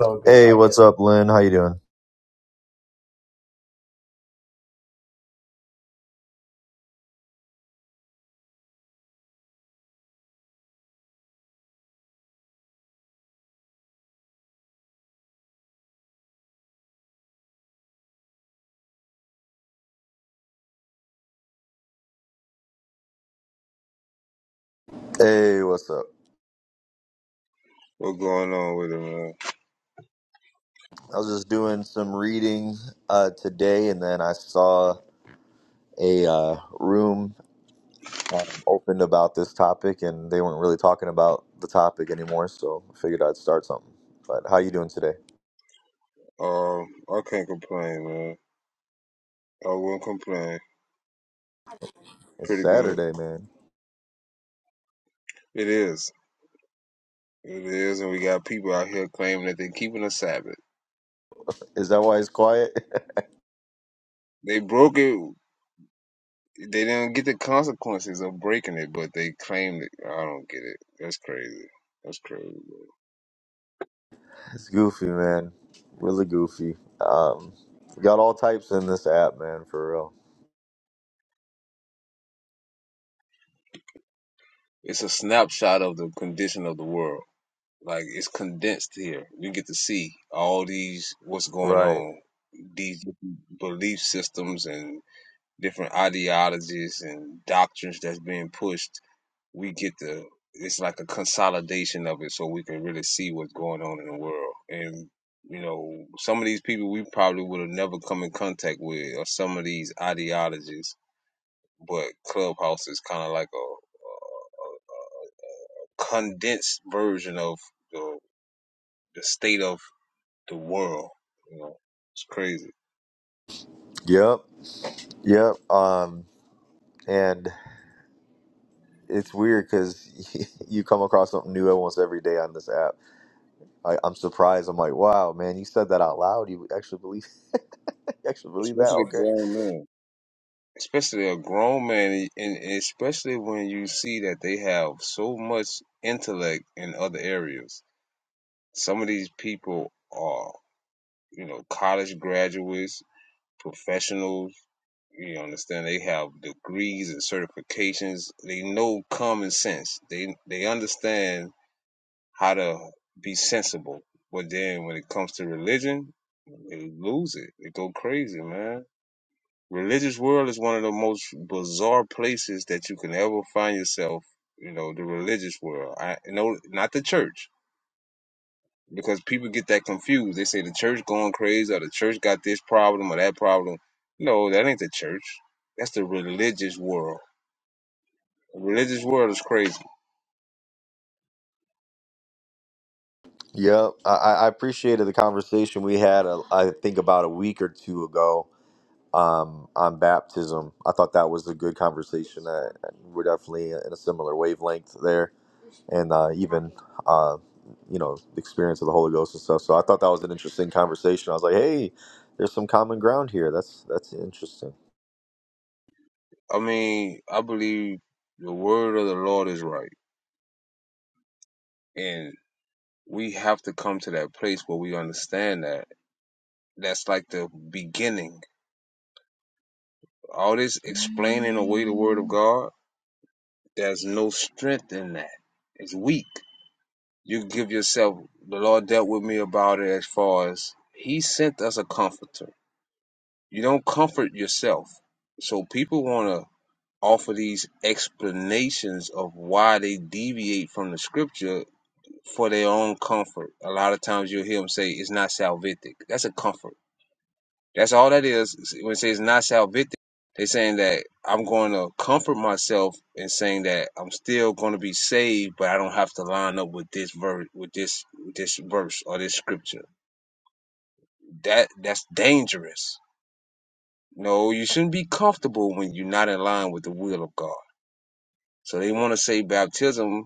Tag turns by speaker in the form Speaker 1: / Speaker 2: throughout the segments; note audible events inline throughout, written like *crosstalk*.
Speaker 1: all good. Hey, How you what's up, Lynn? How you doing? Hey, what's up?
Speaker 2: What's going on with it, man?
Speaker 1: I was just doing some reading uh, today, and then I saw a uh, room um, opened about this topic, and they weren't really talking about the topic anymore. So I figured I'd start something. But how you doing today?
Speaker 2: Um, I can't complain, man. I wouldn't complain.
Speaker 1: It's
Speaker 2: Pretty good.
Speaker 1: Saturday, man.
Speaker 2: It is. It is, and we got people out here claiming that they're keeping a Sabbath.
Speaker 1: Is that why it's quiet?
Speaker 2: They broke it. They didn't get the consequences of breaking it, but they claimed it. I don't get it. That's crazy. That's crazy. Man.
Speaker 1: *laughs* it's goofy, man. Really goofy. Um, we got all types in this app, man. For real.
Speaker 2: It's a snapshot of the condition of the world. Like it's condensed here. We get to see all these what's going
Speaker 1: Right.
Speaker 2: on, these belief systems and different ideologies and doctrines that's being pushed, we get the it's like a consolidation of it so we can really see what's going on in the world. And you know, some of these people we probably would have never come in contact with or some of these ideologies, but Clubhouse is kind of like a condensed version of the the state of the world, you know. It's crazy.
Speaker 1: Yep. Yep. Um, and it's weird because *laughs* you come across something new almost every day on this app. I, I'm surprised. I'm like, wow, man, you said that out loud. You actually believe, *laughs* you actually believe that?
Speaker 2: Especially
Speaker 1: Okay.
Speaker 2: grown men. especially a grown man, and especially when you see that they have so much intellect in other areas. Some of these people are, you know, college graduates, professionals. You understand? They have degrees and certifications. They know common sense. They they understand how to be sensible. But then when it comes to religion, they lose it. They go crazy, man religious world is one of the most bizarre places that you can ever find yourself. You know, the religious world. I no, not the church, because people get that confused. They say the church going crazy, or the church got this problem or that problem. No, that ain't the church. That's the religious world. The religious world is crazy.
Speaker 1: Yep. I, I I appreciated the conversation we had. uh, I think about a week or two ago um, on baptism. I thought that was a good conversation. I, I- we're definitely in a similar wavelength there. and uh, even uh, you know the experience of the Holy Ghost and stuff. So I thought that was an interesting conversation. I was like, hey, there's some common ground here. That's that's interesting.
Speaker 2: I mean, I believe the word of the Lord is right, and we have to come to that place where we understand that. That's like the beginning All this explaining away the word of God, there's no strength in that. It's weak. You give yourself, the Lord dealt with me about it as far as He sent us a comforter. You don't comfort yourself. So people want to offer these explanations of why they deviate from the scripture for their own comfort. A lot of times you'll hear them say, it's not salvific. That's a comfort. That's all that is. When it says not salvific, they are saying that I'm going to comfort myself in saying that I'm still going to be saved, but I don't have to line up with this verse, with this with this verse or this scripture. That that's dangerous. No, you shouldn't be comfortable when you're not in line with the will of God. So they want to say baptism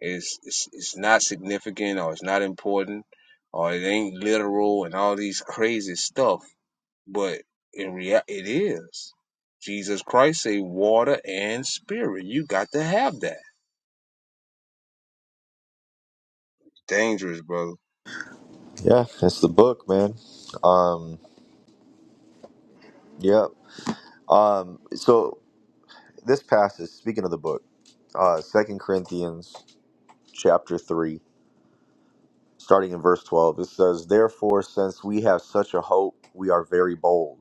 Speaker 2: is is, is not significant or it's not important or it ain't literal and all these crazy stuff but in reality, it is. Jesus Christ say water and spirit. You got to have that. Dangerous, brother.
Speaker 1: Yeah, it's the book, man. Um, yeah. Um, so this passage, speaking of the book, uh, Second Corinthians chapter three, starting in verse twelve, it says, "Therefore, since we have such a hope, we are very bold."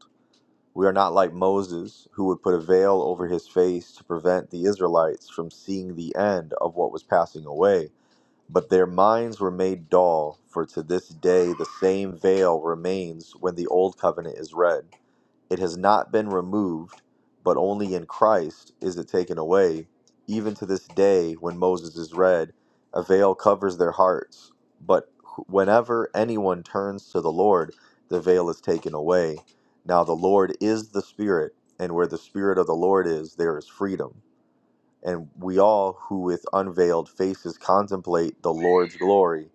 Speaker 1: We are not like Moses, who would put a veil over his face to prevent the Israelites from seeing the end of what was passing away. But their minds were made dull, for to this day the same veil remains when the Old Covenant is read. It has not been removed, but only in Christ is it taken away. Even to this day, when Moses is read, a veil covers their hearts. But wh- whenever anyone turns to the Lord, the veil is taken away. Now, the Lord is the Spirit, and where the Spirit of the Lord is, there is freedom and we all who with unveiled faces contemplate the Lord's glory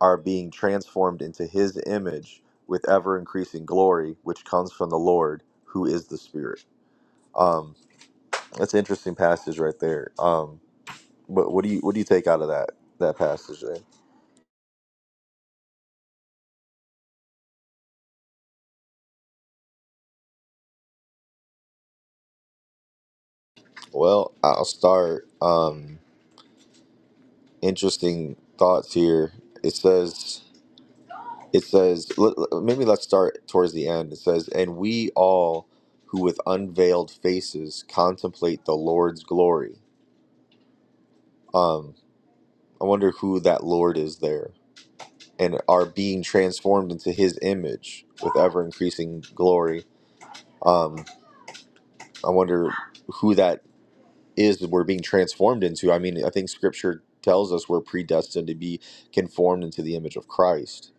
Speaker 1: are being transformed into his image with ever increasing glory which comes from the Lord who is the spirit. Um that's an interesting passage right there. Um but what do you what do you take out of that that passage there? Well, I'll start um interesting thoughts here. It says it says l- l- maybe let's start towards the end it says and we all who with unveiled faces contemplate the lord's glory um i wonder who that lord is there and are being transformed into his image with ever increasing glory um i wonder who that is we're being transformed into. I mean, I think Scripture tells us we're predestined to be conformed into the image of Christ.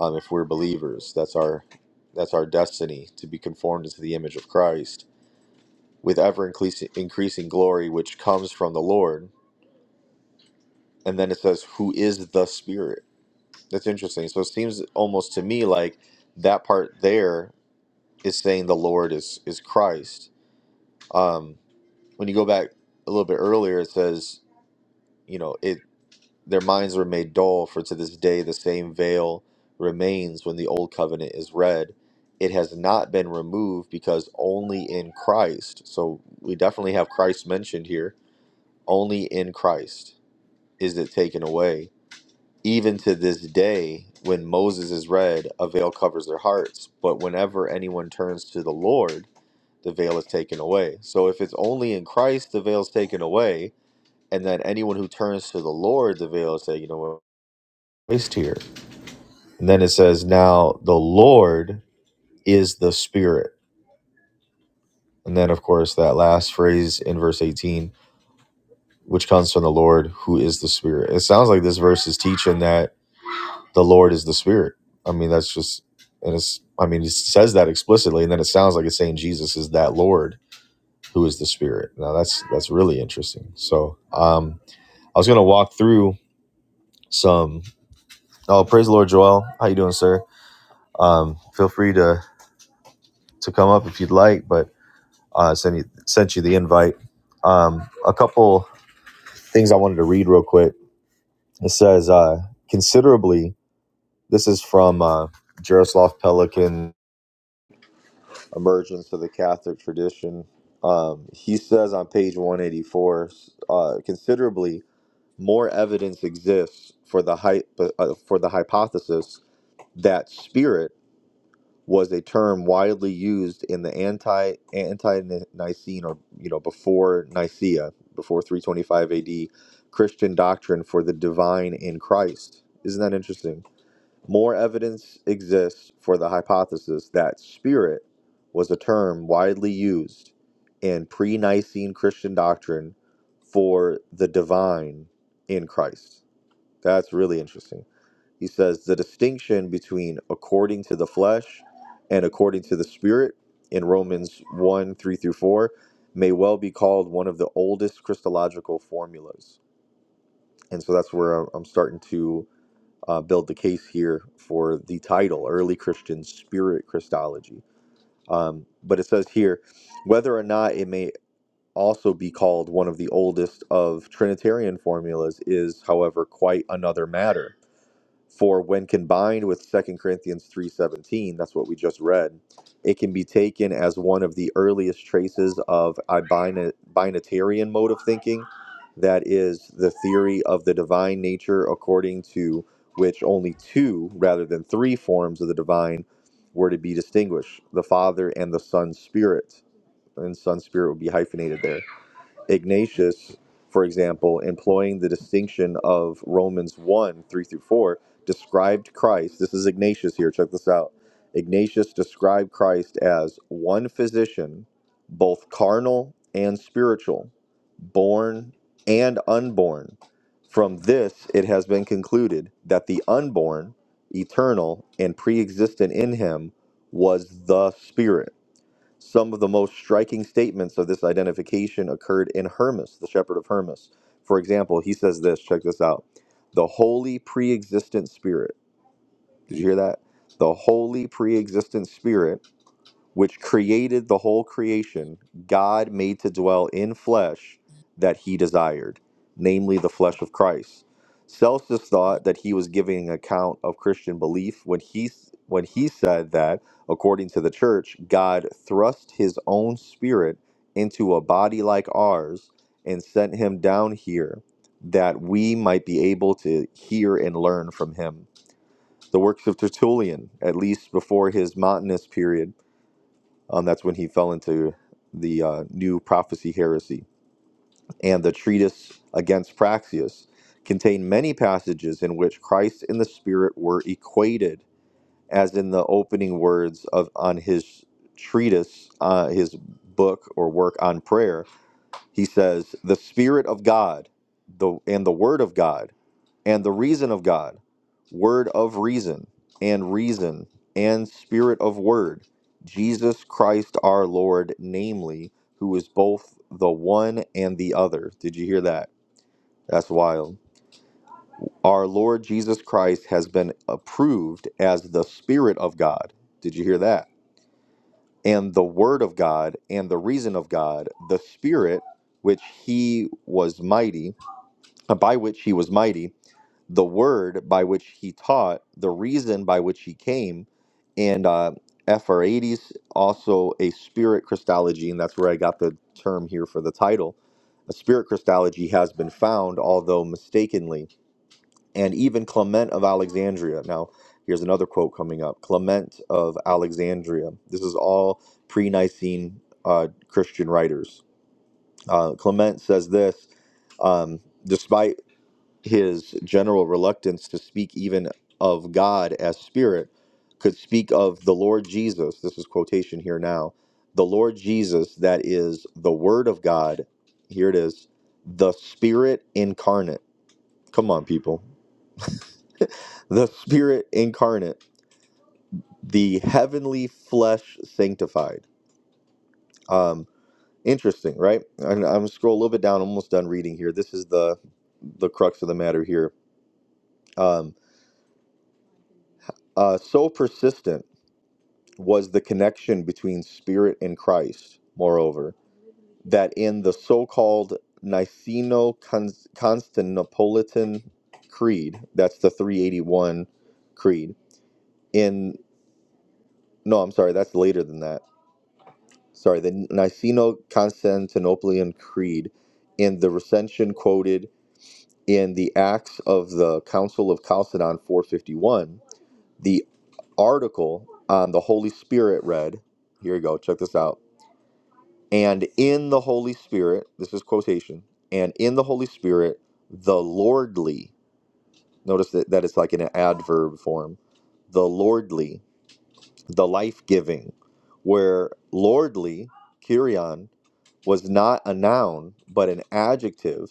Speaker 1: Um, if we're believers, that's our that's our destiny to be conformed into the image of Christ with ever increasing increasing glory, which comes from the Lord. And then it says, "Who is the Spirit?" That's interesting. So it seems almost to me like that part there is saying the Lord is is Christ. Um, when you go back a little bit earlier, it says, you know, it. Their minds were made dull, for to this day the same veil remains when the Old Covenant is read. It has not been removed because only in Christ, so we definitely have Christ mentioned here, only in Christ is it taken away. Even to this day, when Moses is read, a veil covers their hearts, but whenever anyone turns to the Lord, the veil is taken away. So if it's only in Christ, the veil is taken away, and then anyone who turns to the Lord, the veil is taken away. Christ here. And then it says, Now the Lord is the Spirit. And then, of course, that last phrase in verse 18, which comes from the Lord who is the Spirit. It sounds like this verse is teaching that the Lord is the Spirit. I mean, that's just, and it's, I mean, it says that explicitly. And then it sounds like it's saying Jesus is that Lord who is the Spirit. Now that's, that's really interesting. So, um, I was going to walk through some, oh, praise the Lord, Joel. How you doing, sir? Um, feel free to, to come up if you'd like, but Uh, sent you sent you the invite. Um, a couple things I wanted to read real quick. It says uh, considerably. This is from uh, Jaroslav Pelikan, Emergence of the Catholic Tradition. Um, he says on page 184, uh, considerably more evidence exists for the hy- uh, for the hypothesis that spirit was a term widely used in the anti anti Nicene or you know before Nicaea, before 325 AD, Christian doctrine for the divine in Christ. Isn't that interesting? More evidence exists for the hypothesis that spirit was a term widely used in pre-Nicene Christian doctrine for the divine in Christ. That's really interesting. He says the distinction between according to the flesh and according to the spirit in Romans 1 3 through 4 may well be called one of the oldest Christological formulas. And so that's where I'm I'm starting to uh, build the case here for the title Early Christian Spirit Christology. Um, but it says here whether or not it may also be called one of the oldest of Trinitarian formulas is, however, quite another matter for when combined with Second Corinthians 3:17, that's what we just read, it can be taken as one of the earliest traces of a bina- binatarian mode of thinking, that is the theory of the divine nature according to which only two rather than three forms of the divine were to be distinguished, the Father and the Son Spirit. And Son Spirit would be hyphenated there Ignatius, for example, employing the distinction of Romans 1 3 through 4, described Christ. This is Ignatius here, check this out. Ignatius described Christ as one physician, both carnal and spiritual, born and unborn. From this, it has been concluded that the unborn, eternal, and pre existent in him was the Spirit some of the most striking statements of this identification occurred in Hermas, the shepherd of Hermas. For example, he says this, check this out. The holy pre existent spirit. Did you hear that? The holy pre existent spirit which created the whole creation, God made to dwell in flesh that he desired, namely the flesh of Christ. Celsus thought that he was giving an account of Christian belief when he when he said that, according to the church, God thrust his own spirit into a body like ours and sent him down here that we might be able to hear and learn from him. The works of Tertullian, at least before his Montanist period, um, that's when he fell into the uh, new prophecy heresy. And the treatise against Praxius contained many passages in which Christ and the Spirit were equated, as in the opening words of on his treatise, uh, his book or work on prayer. He says, "The Spirit of God, the and the Word of God." and the reason of God, word of reason, and reason, and spirit of word, Jesus Christ our Lord, namely, who is both the one and the other. Did you hear that? That's wild. Our Lord Jesus Christ has been approved as the Spirit of God. Did you hear that? And the Word of God and the reason of God, the Spirit, which he was mighty, by which he was mighty, the word by which he taught, the reason by which he came, and uh, Aphrodites, also a spirit Christology, and that's where I got the term here for the title. A spirit Christology has been found, although mistakenly, and even Clement of Alexandria. Now, here's another quote coming up Clement of Alexandria. This is all pre Nicene uh, Christian writers. Uh, Clement says this. Um, despite his general reluctance to speak even of God as spirit, could speak of the Lord Jesus. This is quotation here now. The Lord Jesus, that is the Word of God. Here it is. The Spirit incarnate. Come on, people. The Spirit incarnate. The heavenly flesh sanctified. Um, interesting, right? And I'm gonna scroll a little bit down. I'm almost done reading here. This is the the crux of the matter here. Um, uh, so persistent. was the connection between Spirit and Christ, moreover, that in the so called Niceno Constantinopolitan Creed, that's the 381 Creed, in, no, I'm sorry, that's later than that. Sorry, the Niceno Constantinopolitan Creed, in the recension quoted in the Acts of the Council of Chalcedon 451, the article on the Holy Spirit read, here you go, check this out and in the Holy Spirit, this is quotation, and in the Holy Spirit, the lordly, notice that, that it's like in an adverb form, the lordly, the life giving, where lordly, Kyrion, was not a noun, but an adjective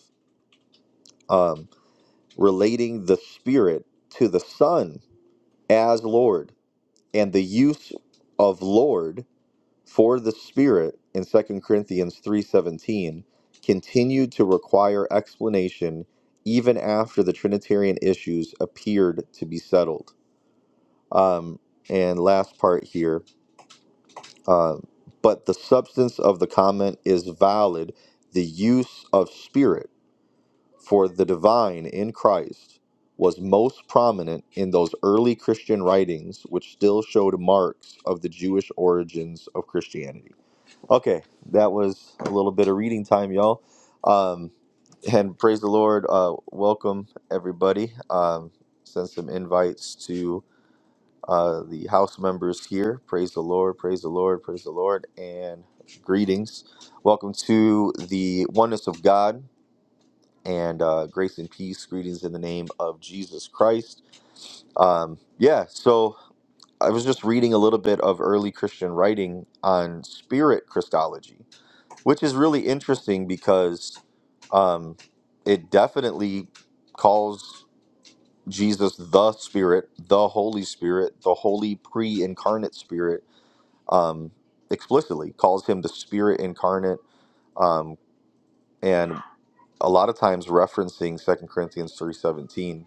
Speaker 1: um, relating the Spirit to the Son as Lord. And the use of Lord For the Spirit in Second Corinthians 3:17 continued to require explanation even after the Trinitarian issues appeared to be settled. Um, and last part here, um, but the substance of the comment is valid. The use of Spirit for the divine in Christ was most prominent in those early Christian writings, which still showed marks of the Jewish origins of Christianity. Okay, that was a little bit of reading time, y'all. Um, and praise the Lord. Uh, welcome everybody. Um, send some invites to uh, the house members here. Praise the Lord. Praise the Lord. Praise the Lord. And greetings. Welcome to the oneness of God and uh, grace and peace. Greetings in the name of Jesus Christ. Um, yeah. So I was just reading a little bit of early Christian writing on spirit Christology which is really interesting because um, it definitely calls Jesus the Spirit, the Holy Spirit, the Holy pre-incarnate Spirit um, explicitly calls him the Spirit incarnate, um, and a lot of times referencing Second Corinthians three seventeen.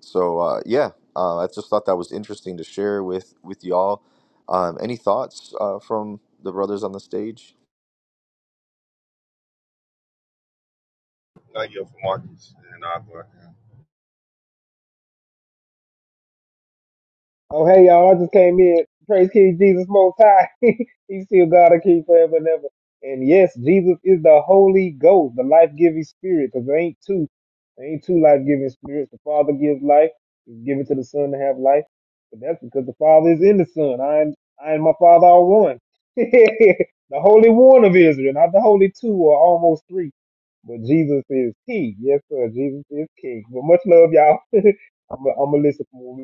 Speaker 1: So uh, yeah, uh, I just thought that was interesting to share with with y'all. Um, any thoughts uh, from the brothers on the stage?
Speaker 3: No, you're from Marcus, and I,
Speaker 4: Oh, hey, y'all. I just came in. Praise King Jesus Most High. *laughs* He's still God and King forever and ever. And yes, Jesus is the Holy Ghost, the life giving spirit, because there ain't two. There ain't two life giving spirits. The Father gives life, He's given to the Son to have life. But that's because the Father is in the Son. I and, I and my Father are one. *laughs* the Holy One of Israel, not the Holy Two or almost three. But Jesus is King. Yes, sir. Jesus is King. But much love, y'all. I'm going to listen for more.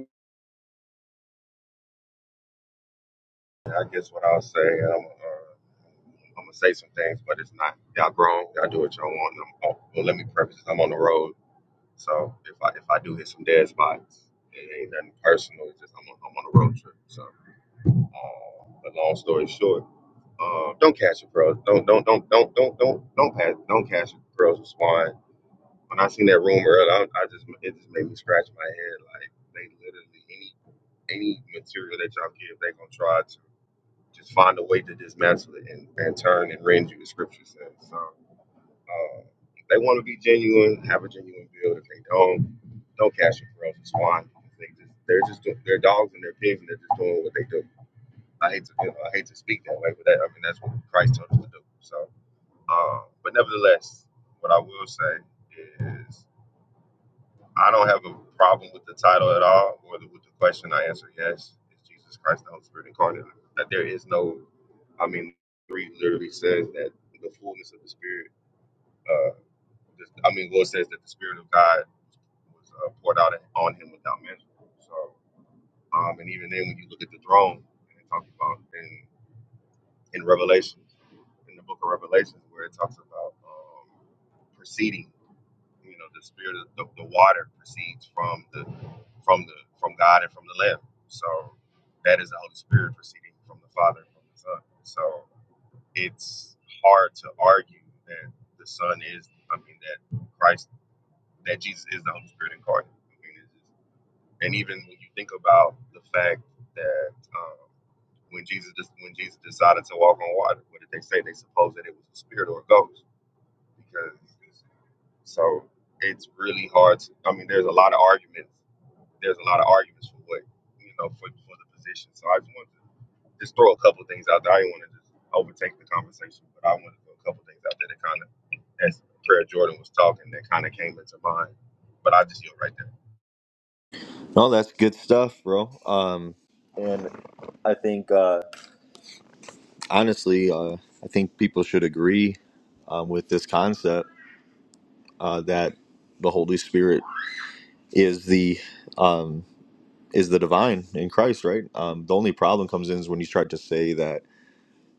Speaker 3: I guess what I'll say, I'm, uh, I'm gonna say some things, but it's not y'all grown. Y'all do what y'all want. and I'm, oh, well, let me preface this. I'm on the road, so if I if I do hit some dead spots, it ain't nothing personal. It's just I'm on, I'm on a road trip. So, uh, but long story short, uh, don't catch it, bro. Don't don't don't don't don't don't don't pass. Don't catch it, girls. Respond. When I seen that room earlier, I, I just it just made me scratch my head. Like they literally any any material that y'all give, they gonna try to just find a way to dismantle it and, and turn and rend you the scripture says. So uh, if they want to be genuine, have a genuine build. If they don't, don't cash it for us. It's fine. They just they're just do- they're dogs and they're pigs and they're just doing what they do. I hate to you know, I hate to speak that way, but that, I mean that's what Christ told us to do. So, uh, but nevertheless, what I will say is. I don't have a problem with the title at all or the, with the question. I answer yes. It's Jesus Christ, the Holy Spirit incarnate. That there is no, I mean, three literally says that the fullness of the Spirit, uh, this, I mean, Lord says that the Spirit of God was uh, poured out on him without measure. So, um, and even then, when you look at the throne, and it talks about in, in Revelation, in the book of Revelations, where it talks about um, proceeding. You know, the spirit of the, the water proceeds from the from the from God and from the Lamb. So that is the Holy Spirit proceeding from the Father and from the Son. So it's hard to argue that the Son is, I mean, that Christ, that Jesus is the Holy Spirit incarnate. I mean, it's just, and even when you think about the fact that um, when Jesus just when Jesus decided to walk on water, what did they say? They supposed that it was a spirit or a ghost because so it's really hard. To, I mean, there's a lot of arguments. There's a lot of arguments for what you know for, for the position. So I just wanted to just throw a couple things out there. I didn't want to just overtake the conversation, but I wanted to throw a couple things out there that kind of, as Prayer Jordan was talking, that kind of came into mind. But I just yield right there.
Speaker 1: No, that's good stuff, bro. Um, and I think uh, honestly, uh, I think people should agree um, with this concept uh, that the Holy Spirit is the um, is the divine in Christ, right? Um, the only problem comes in is when you start to say that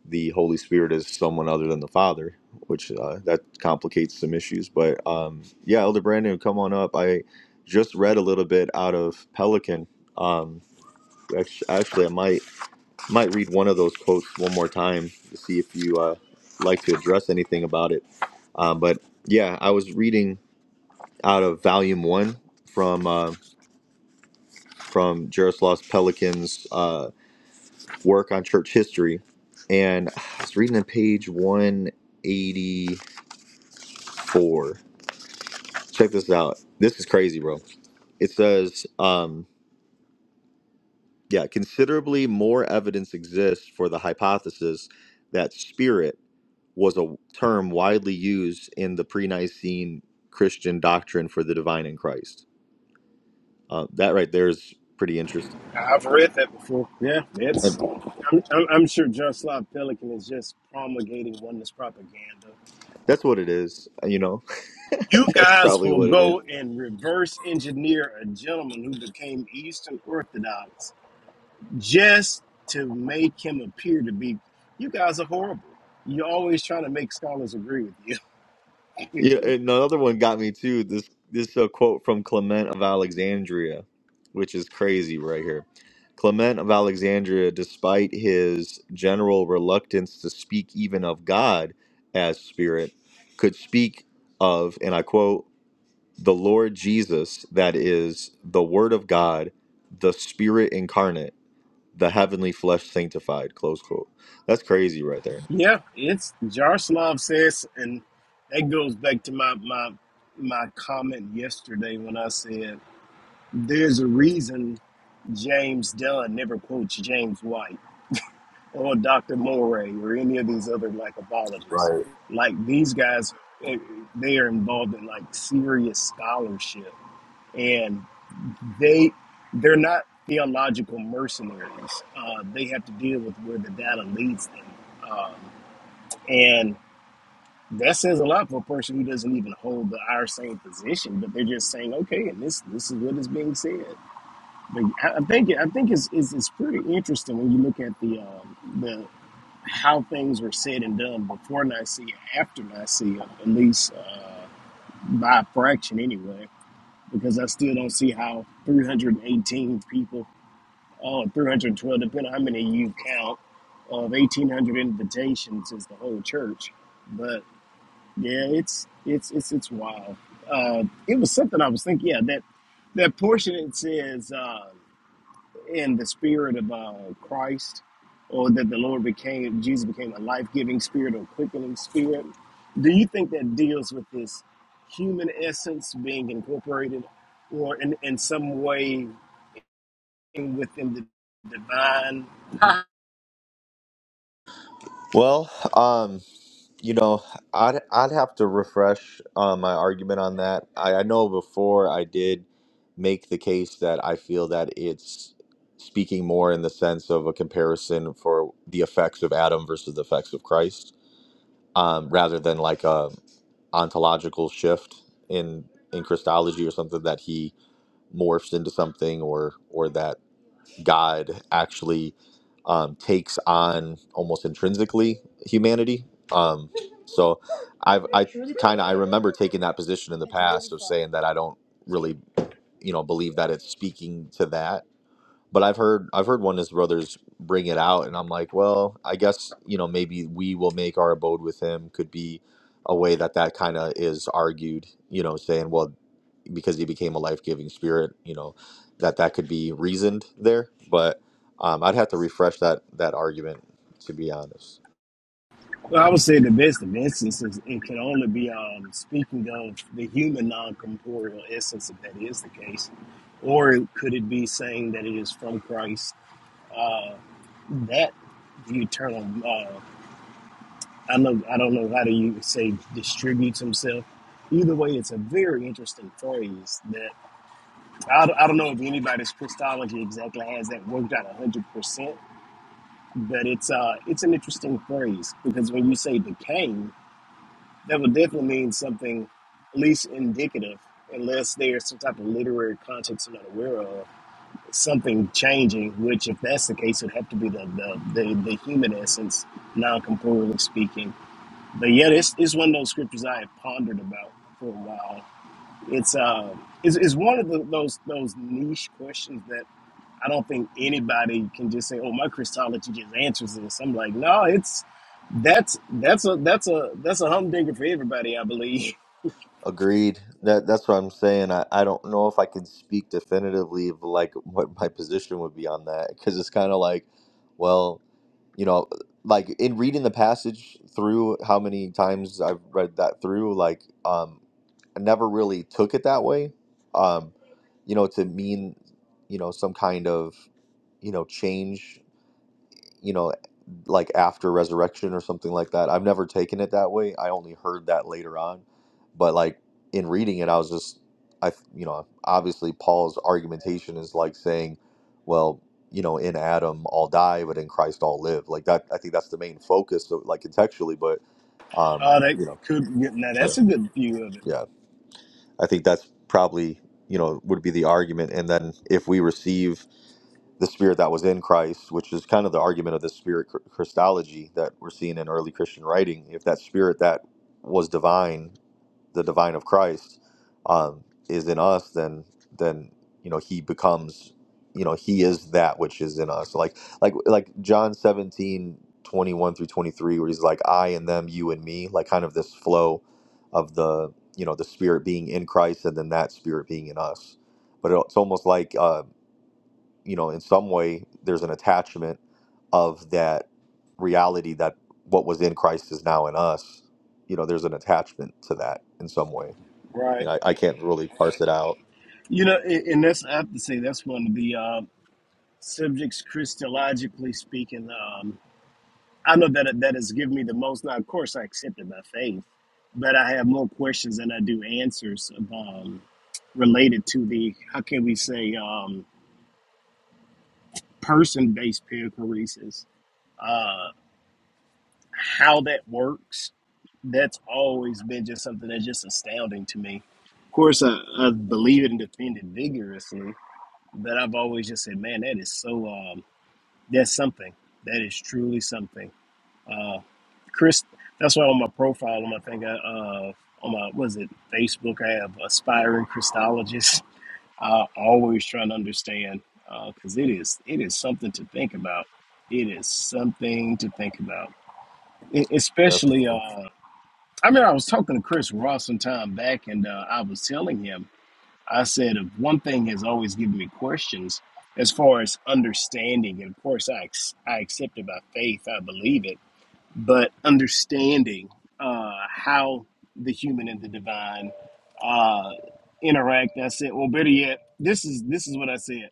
Speaker 1: the Holy Spirit is someone other than the Father, which uh, that complicates some issues. But um, yeah, Elder Brandon, come on up. I just read a little bit out of Pelican. Um, act- actually, I might. might read one of those quotes one more time to see if you uh, like to address anything about it. Um, but yeah, I was reading out of Volume One from uh, from Jaroslav Pelikan's uh, work on church history, and I was reading on page one eighty four. Check this out. This is crazy, bro. It says, um, yeah, considerably more evidence exists for the hypothesis that spirit. was a term widely used in the pre-Nicene Christian doctrine for the divine in Christ. Uh, that right there is pretty interesting,
Speaker 5: I've read that before. Yeah, it's.
Speaker 1: and
Speaker 5: I'm, I'm I'm sure Jaroslav Pelikan is just promulgating oneness propaganda.
Speaker 1: that's what it is. You know, *laughs*
Speaker 5: You
Speaker 1: that's
Speaker 5: guys
Speaker 1: probably
Speaker 5: will
Speaker 1: what it is.
Speaker 5: go and reverse engineer a gentleman who became Eastern Orthodox just to make him appear to be. You guys are horrible. You're always trying to make scholars agree with you. *laughs*
Speaker 1: Yeah, and another one got me too. This this uh, quote from Clement of Alexandria, which is crazy right here. Clement of Alexandria, despite his general reluctance to speak even of God as spirit, could speak of, and I quote. the Lord Jesus, that is the Word of God, the Spirit incarnate, the heavenly flesh sanctified. Close quote. That's crazy right there.
Speaker 5: Yeah, it's Jaroslav says, and that goes back to my my my comment yesterday when I said there's a reason James Dunn never quotes James White or Dr. Moray or any of these other
Speaker 1: Right.
Speaker 5: likeabologists. Like these guys, eh, they are involved in like serious scholarship, and they they're not theological mercenaries. Uh, they have to deal with where the data leads them, um, and that says a lot for a person who doesn't even hold the our same position. But they're just saying, okay, and this this is what is being said. But I I think I think it's, it's it's pretty interesting when you look at the um, the how things were said and done before Nicaea, after Nicaea, at least uh, by a fraction anyway. Because I still don't see how 318 people, oh, 312, depending on how many you count, of 1,800 invitations is the whole church. But yeah, it's it's it's it's wild. Uh, it was something I was thinking. Yeah, that that portion it says. Uh, in the spirit of uh, Christ, or that the Lord became Jesus became a life giving spirit or quickening spirit. Do you think that deals with this human essence being incorporated, or in, in some way within the divine?
Speaker 1: Well, um, you know, I'd I'd have to refresh uh, my argument on that. I, I know before I did make the case that I feel that it's speaking more in the sense of a comparison for the effects of Adam versus the effects of Christ um, rather than like a ontological shift in in Christology or something that he morphs into something or or that God actually um, takes on almost intrinsically humanity. Um, so I've I kind of I remember taking that position in the past of saying that I don't really you know believe that it's speaking to that but I've heard I've heard one of his brothers bring it out, and I'm like, well, I guess you know maybe we will make our abode with him could be a way that that kind of is argued, you know, saying well because he became a life giving spirit, you know, that that could be reasoned there, but um, I'd have to refresh that that argument to be honest.
Speaker 5: Well, I would say the best of instances, it can only be um, speaking of the human non corporeal essence, if that is the case. Or could it be saying that it is from Christ that the eternal uh, I know I don't know how do you say distributes himself. Either way, it's a very interesting phrase that I, don't- I don't know if anybody's Christology exactly has that worked out one hundred percent, but it's uh it's an interesting phrase because when you say decaying, that would definitely mean something at least indicative, unless there's some type of literary context I'm not aware of, something changing. Which, if that's the case, it'd have to be the the the, the human essence, non-corporeally speaking but yeah, it's, it's one of those scriptures I have pondered about for a while. It's uh, it's, it's one of the, those those niche questions that I don't think anybody can just say, "Oh, my Christology just answers this." I'm like, no, it's that's that's a that's a that's a humdinger for everybody, I believe. *laughs*
Speaker 1: Agreed. That that's what I'm saying. I, I don't know if I can speak definitively of like what my position would be on that because it's kind of like, well, you know, like in reading the passage through, how many times I've read that through, like, um, I never really took it that way, um, you know, to mean, you know, some kind of, you know, change you know, like after resurrection or something like that. I've never taken it that way. I only heard that later on. But like in reading it, I was just, I, you know, obviously Paul's argumentation is like saying, well, you know, in Adam all die, but in Christ all live. Like that, I think that's the main focus, so, like contextually. But, um,
Speaker 5: Oh, that
Speaker 1: you know,
Speaker 5: could now
Speaker 1: yeah,
Speaker 5: that's a good view of it,
Speaker 1: yeah. I think that's probably, you know, would be the argument. And then if we receive the spirit that was in Christ, which is kind of the argument of the spirit chr- Christology that we're seeing in early Christian writing. If that spirit that was divine, the divine of Christ, um, is in us, then then you know he becomes, you know, he is that which is in us. Like like like John 17 21 through twenty three, where he's like, I and them, you and me, like kind of this flow of the you know the spirit being in Christ and then that spirit being in us. But it's almost like uh, you know, in some way, there's an attachment of that reality that what was in Christ is now in us. You know, there's an attachment to that in some way.
Speaker 5: right?
Speaker 1: You know, I, I can't really parse it out.
Speaker 5: You know, a- and that's I have to say that's one of the uh, subjects Christologically speaking. Um, I know that that has given me the most. Now, of course, I accept it by faith, but I have more questions than I do answers um, related to the how can we say um, person-based perichoresis, uh, how that works. That's always been just something that's just astounding to me. Of course, I, I believe it and defend it vigorously, but I've always just said, "Man, that is so. Um, that's something. That is truly something." Uh, Chris, that's why on my profile, on my thing, I, uh, on my was it Facebook, I have aspiring Christologist. Uh, *laughs* always trying to understand because it is it is something to think about. It is something to think about, E- especially. Uh,
Speaker 1: Definitely,
Speaker 5: I mean, I was talking to Chris Ross some time back, and uh, I was telling him, I said, if one thing has always given me questions as far as understanding, and of course, I, ex- I accept it by faith, I believe it but understanding uh, how the human and the divine uh, interact. I said, well, better yet, this is this is what I said.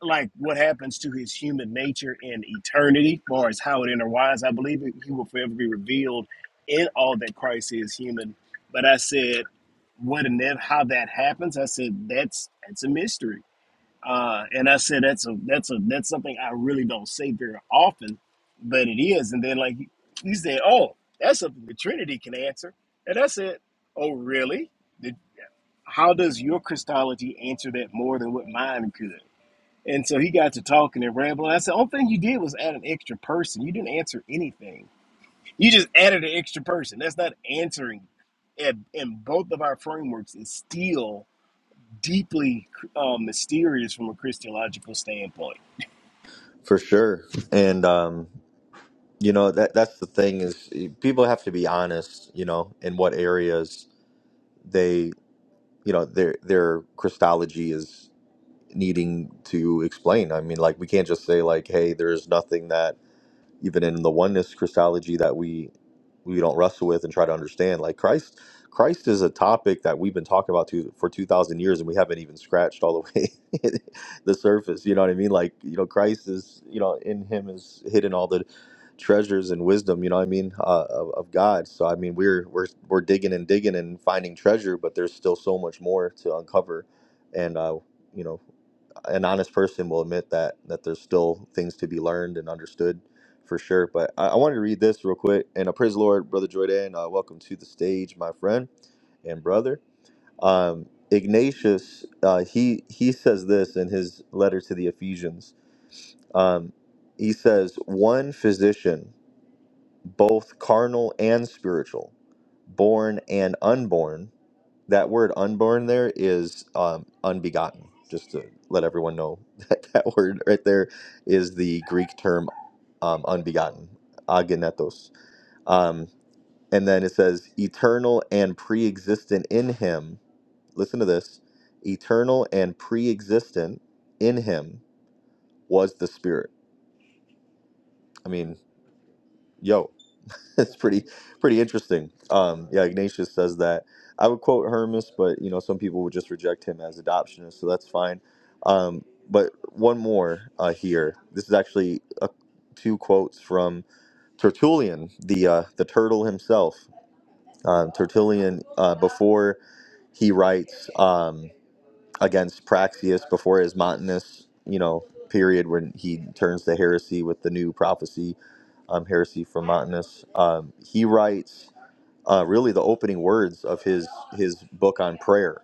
Speaker 5: Like what happens to his human nature in eternity, far as how it interwines. I believe it, he will forever be revealed in all that Christ is human. But I said, what and then how that happens? I said that's that's a mystery uh, and I said that's a that's a that's something I really don't say very often, but it is. And then like he he said, "Oh, that's something the Trinity can answer." And I said, "Oh, really? Did, how does your Christology answer that more than what mine could?" And so he got to talking and rambling. I said, "Only thing you did was add an extra person. You didn't answer anything. You just added an extra person. That's not answering." And, and both of our frameworks is still deeply um, mysterious from a Christological standpoint
Speaker 1: for sure. And um, you know, that that's the thing is eh, people have to be honest. You know, in what areas they, you know, their their Christology is needing to explain. I mean, like we can't just say like, hey, there's nothing that even in the oneness Christology that we we don't wrestle with and try to understand. Like Christ, Christ is a topic that we've been talking about to, for two thousand years, and we haven't even scratched all the way *laughs* the surface. You know what I mean? Like you know, Christ is you know in Him is hidden all the treasures and wisdom. You know what I mean uh, of, of God. So I mean, we're we're we're digging and digging and finding treasure, but there's still so much more to uncover, and uh, you know an honest person will admit that that there's still things to be learned and understood for sure. But I, I wanted to read this real quick. And uh, praise the Lord, Brother Jordan. Uh, welcome to the stage, my friend and brother. Um, Ignatius, uh, he he says this in his letter to the Ephesians. Um, he says, "One physician, both carnal and spiritual, born and unborn." that word unborn there is um, unbegotten just to let everyone know *laughs* that that word right there is the greek term um, unbegotten agenetos um, and then it says eternal and pre-existent in him listen to this eternal and pre-existent in him was the spirit i mean Yo, *laughs* it's pretty pretty interesting. Um, yeah, Ignatius says that. I would quote Hermas, but you know some people would just reject him as adoptionist, so that's fine. Um, but one more uh, here. This is actually uh two quotes from Tertullian, the uh, the turtle himself. Um, Tertullian, uh, before he writes. Um, against Praxius before his Montanus, you know, period when he turns to heresy with the new prophecy, um, heresy from Montanus. Um, he writes uh, really the opening words of his his book on prayer.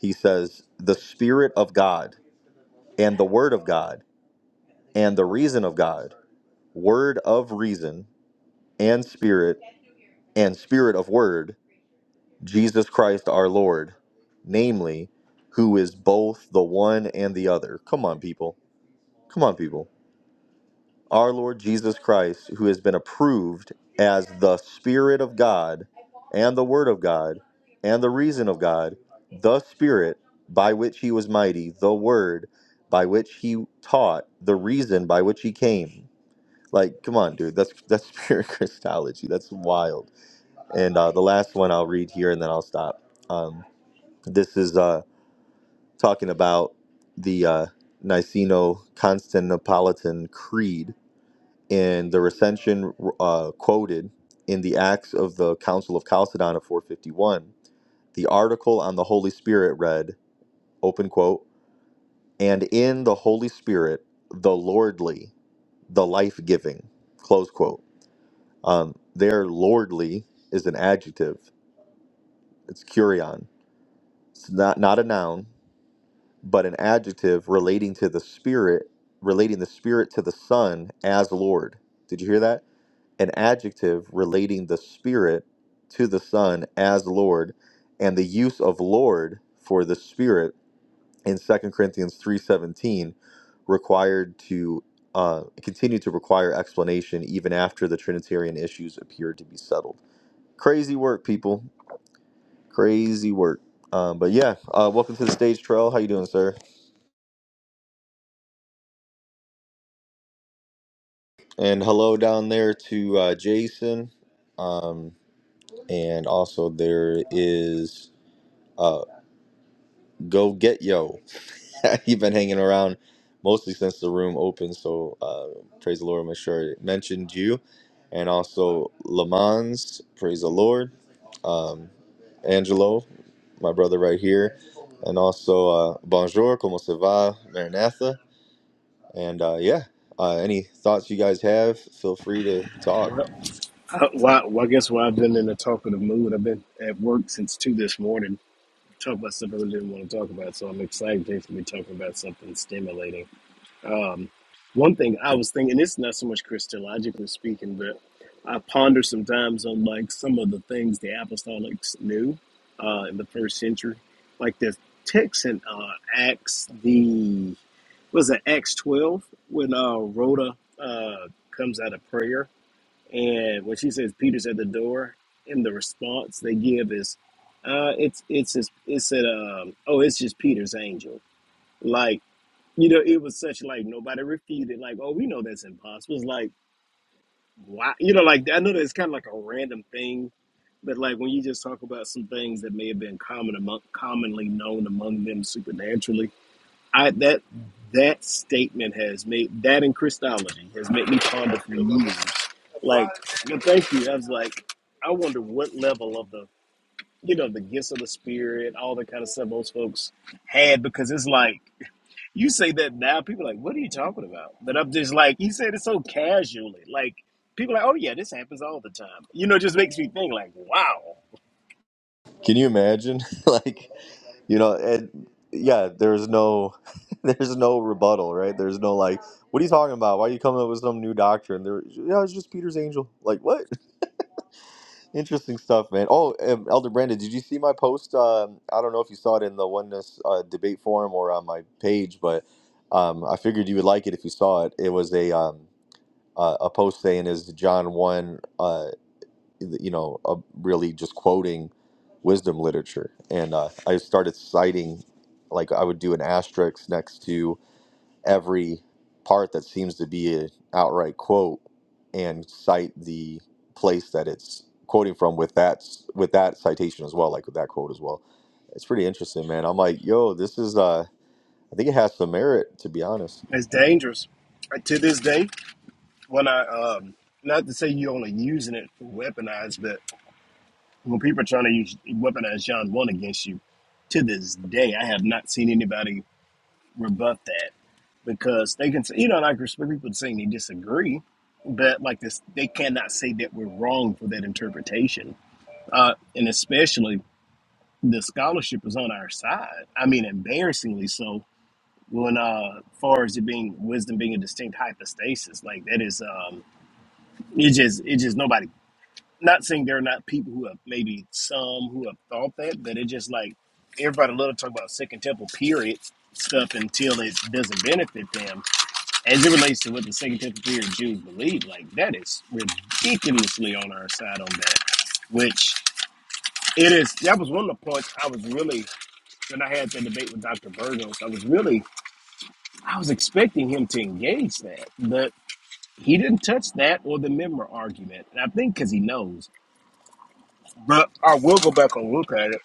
Speaker 1: He says, "The Spirit of God and the Word of God and the reason of God, Word of reason and Spirit and Spirit of Word, Jesus Christ our Lord, namely." Who is both the one and the other? Come on, people Come on, people. Our Lord Jesus Christ, who has been approved as the Spirit of God and the Word of God and the reason of God, the Spirit by which he was mighty, the Word by which he taught, the reason by which he came. Like, come on, dude. That's that's *laughs* pure Christology. That's wild. And uh, the last one I'll read here, and then I'll stop. Um, this is uh, talking about the uh, Niceno-Constantinopolitan Creed, in the recension uh, quoted in the Acts of the Council of Chalcedon of 451, the article on the Holy Spirit read, open quote, and in the Holy Spirit, the lordly, the life giving, close quote. Um, there, lordly is an adjective, it's curion. It's not, not a noun, but an adjective relating to the Spirit, relating the Spirit to the Son as Lord. Did you hear that? an adjective relating the Spirit to the Son as Lord, and the use of Lord for the Spirit in Second Corinthians 3:17 required to uh, continue to require explanation even after the Trinitarian issues appeared to be settled. Crazy work, people. Crazy work. Um, but yeah, uh, welcome to the stage, Trail. How you doing, sir? And hello down there to uh, Jason. Um, and also there is Go get yo. *laughs* You've been hanging around mostly since the room opened, so uh, praise the Lord. I'm sure it mentioned you, and also Lamans. Praise the Lord. Um, Angelo, my brother right here, and also uh, Bonjour, como se va, Maranatha, and uh, yeah. Uh, any thoughts you guys have? Feel free to talk.
Speaker 5: Well, I, why, well, I guess why I've been in a talkative mood. I've been at work since two this morning. Talk about stuff I really didn't want to talk about, so I'm excited today to be talking about something stimulating. One thing I was thinking, it's not so much Christologically speaking, but I ponder sometimes on like some of the things the apostolics knew uh, in the first century, like the text in uh, Acts, the was it Acts twelve when uh, Rhoda uh, comes out of prayer and when she says Peter's at the door, and the response they give is, uh, it's it's just it's at um oh it's just Peter's angel. Like, you know, it was such like nobody refuted, like, oh we know that's impossible. It's like why you know, like I know that's kinda like a random thing, but like when you just talk about some things that may have been common among commonly known among them supernaturally I that that statement has made that in Christology has made me ponder for years. Like, well, thank you. I was like, I wonder what level of the you know the gifts of the spirit, all the kind of stuff most folks had because it's like you say that now, people are like, what are you talking about? But I'm just like, you said it so casually. Like, people are like, oh yeah, this happens all the time. You know, it just makes me think like, wow,
Speaker 1: Can you imagine? *laughs* like You know, and yeah, there's no *laughs* there's no rebuttal, right? There's no like, what are you talking about? Why are you coming up with some new doctrine? There, yeah, it's just Peter's angel. Like, what? *laughs* Interesting stuff, man. Oh, um, Elder Brandon, did you see my post? Um, I don't know if you saw it in the Oneness uh, debate forum or on my page, but um, I figured you would like it if you saw it. It was a um, uh, a post saying, "Is John one? uh, you know, uh, really just quoting wisdom literature. And uh, I started citing, like, I would do an asterisk next to every part that seems to be an outright quote and cite the place that it's quoting from with that with that citation as well like with that quote as well it's pretty interesting man i'm like yo this is uh i think it has some merit to be honest
Speaker 5: it's dangerous. Uh, To this day, when I um, not to say you're only using it for weaponized, but When people are trying to use weaponize John one against you, to this day, I have not seen anybody rebut that because they can say, you know, like respect people saying they disagree, but like this, they cannot say that we're wrong for that interpretation. Uh, and especially the scholarship is on our side. I mean, embarrassingly so. When uh, far as it being wisdom being a distinct hypostasis, like that is, um, it just it just nobody not saying there are not people who have maybe some who have thought that, but it's just like everybody love to talk about Second Temple period stuff until it doesn't benefit them. As it relates to what the Second Temple period Jews believe, like that is ridiculously on our side on that. Which it is. That was one of the points I was really when I had the debate with Dr. Burgos. I was really I was expecting him to engage that, but he didn't touch that or the member argument. And I think because he knows. But I will go back and look at it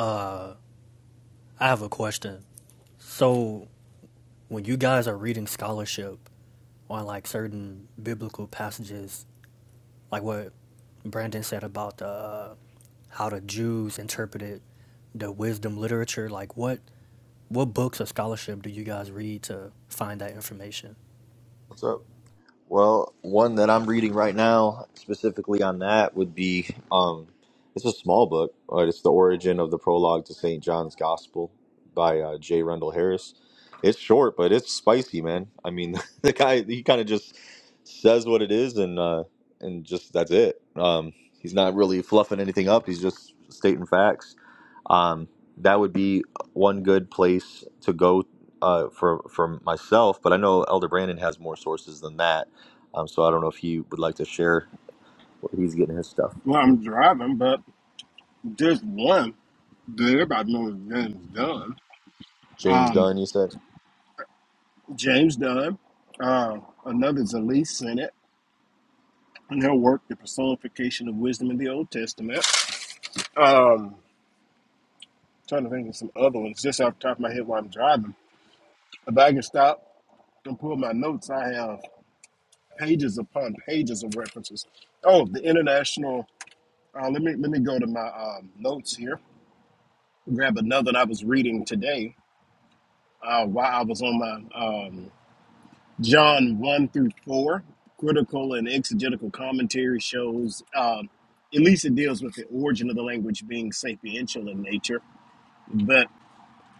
Speaker 6: Uh, I have a question. So, when you guys are reading scholarship on like certain biblical passages, like what Brandon said about the, uh, how the Jews interpreted the wisdom literature, like what what books or scholarship do you guys read to find that information?
Speaker 1: what's up Well, one that I'm reading right now, specifically on that, would be um, it's a small book, but it's the origin of the prologue to St. John's Gospel by uh, J. Rendell Harris. It's short, but it's spicy, man. I mean, *laughs* the guy he kind of just says what it is, and uh, and just that's it. Um, he's not really fluffing anything up. He's just stating facts. Um, that would be one good place to go uh, for for myself. But I know Elder Brandon has more sources than that um, so I don't know if he would like to share where he's getting his stuff.
Speaker 5: Well, I'm driving, but just one that everybody knows is James Dunn.
Speaker 1: James
Speaker 5: Um,
Speaker 1: Dunn, you said?
Speaker 5: James Dunn, uh, another is Elise Senate, and her work, The Personification of Wisdom in the Old Testament. Um, trying to think of some other ones just off the top of my head while I'm driving. If I can stop and pull my notes, I have pages upon pages of references. Oh, the international. Uh, let me let me go to my um, notes here. Grab another that I was reading today uh, while I was on my um, John 1 through 4, critical and exegetical commentary shows, um, at least it deals with the origin of the language being sapiential in nature. But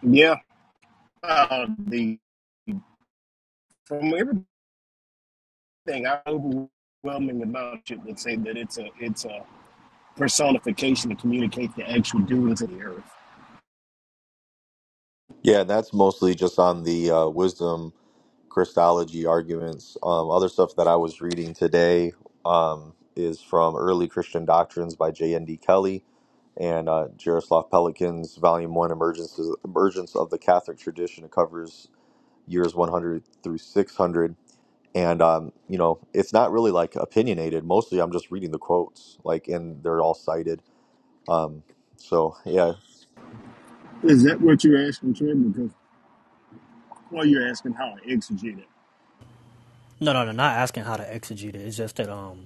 Speaker 5: yeah, uh, the from everything, I overwhelming amount of it would say that it's a it's a personification to communicate the actual doings of the earth.
Speaker 1: Yeah, and that's mostly just on the uh, wisdom Christology arguments. Um, other stuff that I was reading today um, is from Early Christian Doctrines by J.N.D. Kelly and uh, Jaroslav Pelikan's Volume 1, Emergence, Emergence of the Catholic Tradition. It covers years 100 through 600. And, um, you know, it's not really like opinionated. Mostly I'm just reading the quotes, like, and they're all cited Um, so yeah,
Speaker 5: Is that what you're asking, Trey? Because, Well, you're asking how I exegete it.
Speaker 6: No, no, no. Not asking how to exegete it. It's just that um,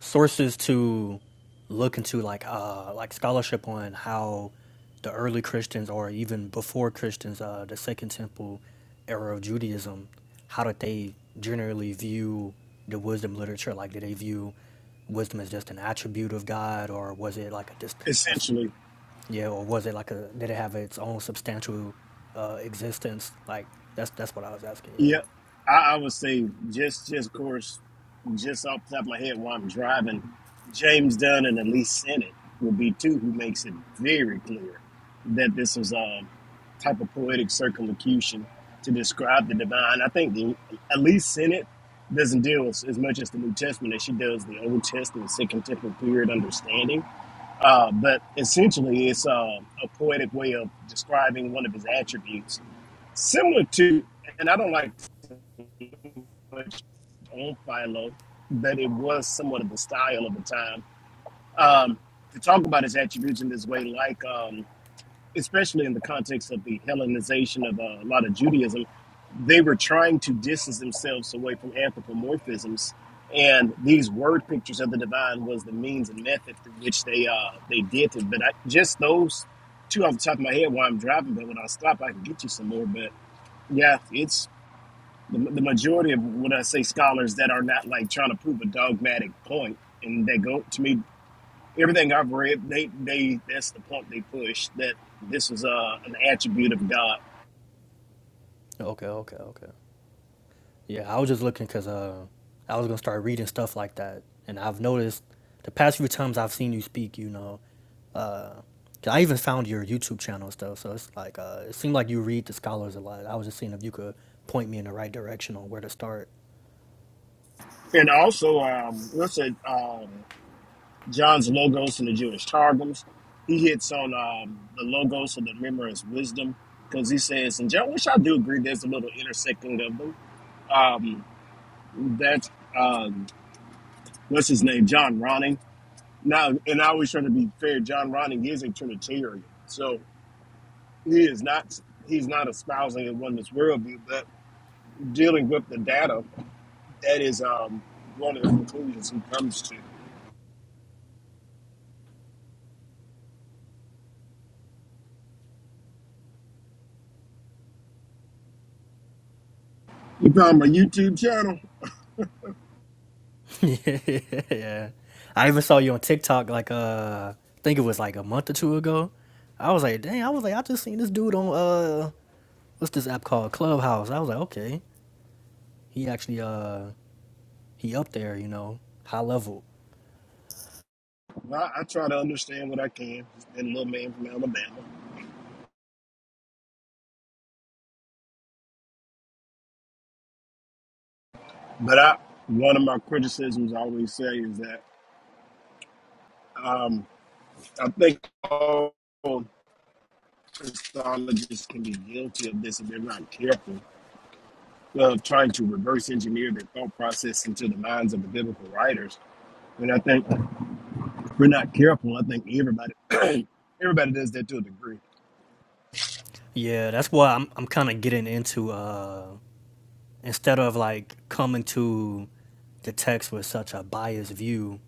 Speaker 6: sources to look into like uh like scholarship on how the early Christians or even before Christians, uh the Second Temple era of Judaism, how did they generally view the wisdom literature? Like did they view wisdom as just an attribute of God or was it like a just a, s-
Speaker 5: Essentially,
Speaker 6: yeah, or was it like a did it have its own substantial uh existence? Like that's that's what I was asking,
Speaker 5: Yeah,
Speaker 6: yeah.
Speaker 5: I, I would say just, just of course, just off the top of my head while I'm driving, James Dunn and Elise Sennett would be two who makes it very clear that this was a type of poetic circumlocution to describe the divine. I think the, Elise Sennett doesn't deal as, as much as the New Testament as she does the Old Testament, second temple period understanding. Uh, but essentially, it's um a poetic way of describing one of his attributes, similar to, and I don't like much on Philo that it was somewhat of the style of the time um, to talk about his attributes in this way, like um, especially in the context of the Hellenization of uh, a lot of Judaism, they were trying to distance themselves away from anthropomorphisms, and these word pictures of the divine was the means and method through which they uh, they did it. But I, just those two off the top of my head while I'm driving, but when I stop, I can get you some more. But yeah, it's the, the majority of what I say scholars that are not like trying to prove a dogmatic point, and they go to me everything I've read. They they that's the point they push that this is uh, an attribute of God,
Speaker 6: Okay, okay, okay. Yeah, I was just looking because uh, I was gonna start reading stuff like that, and I've noticed the past few times I've seen you speak, you know, uh, 'cause I even found your YouTube channel and stuff. So it's like uh, it seemed like you read the scholars a lot. I was just seeing if you could point me in the right direction on where to start.
Speaker 5: and also um, what's it um, John's logos in the Jewish targums. He hits on um, the logos of the memory's wisdom because he says, and John, which I do agree, there's a little intersecting of them. Um, that's um, what's his name, John Ronning Now, and I always try to be fair. John Ronning is a Trinitarian, so he is not he's not espousing a oneness worldview, but dealing with the data, that is um, one of the conclusions he comes to. You found my YouTube channel.
Speaker 6: *laughs* yeah, I even saw you on TikTok like uh, I think it was like a month or two ago. I was like, dang, I was like, I just seen this dude on uh, what's this app called Clubhouse. I was like, okay, he actually uh he up there, you know, high level.
Speaker 5: Well, I, I try to understand what I can. Just been a little man from Alabama, but I one of my criticisms I always say is that um, I think all Christologists can be guilty of this if they're not careful well, trying to reverse engineer their thought process into the minds of the biblical writers. And I think if we're not careful. I think everybody, *clears throat* everybody does that to a degree.
Speaker 6: Yeah, that's why I'm I'm kind of getting into uh instead of like coming to the text with such a biased view,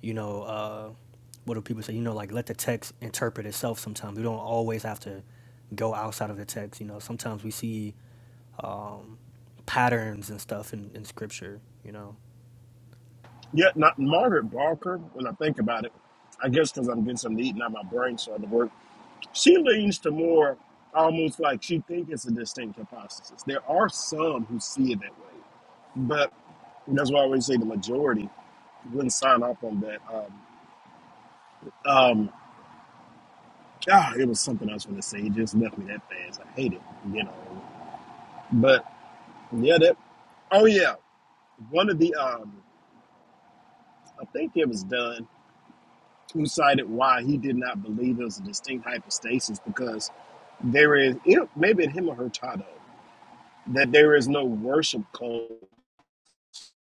Speaker 6: you know, uh what do people say? You know, like let the text interpret itself sometimes. We don't always have to go outside of the text, you know. Sometimes we see um patterns and stuff in, in scripture, you know.
Speaker 5: Yet, not Margaret Barker. When I think about it, I guess because I'm getting something to eat, not my brain starting to work. She leans to more, almost like she thinks it's a distinct hypostasis. There are some who see it that way, but that's why I always say the majority wouldn't sign off on that. Um, um, Ah, it was something else when going to say. It just left me that fast. I hate it, you know. But yeah, that. Oh yeah, one of the. Um, I think it was Dunn who cited why he did not believe it was a distinct hypostasis because there is it, maybe in him or Hurtado that there is no worship code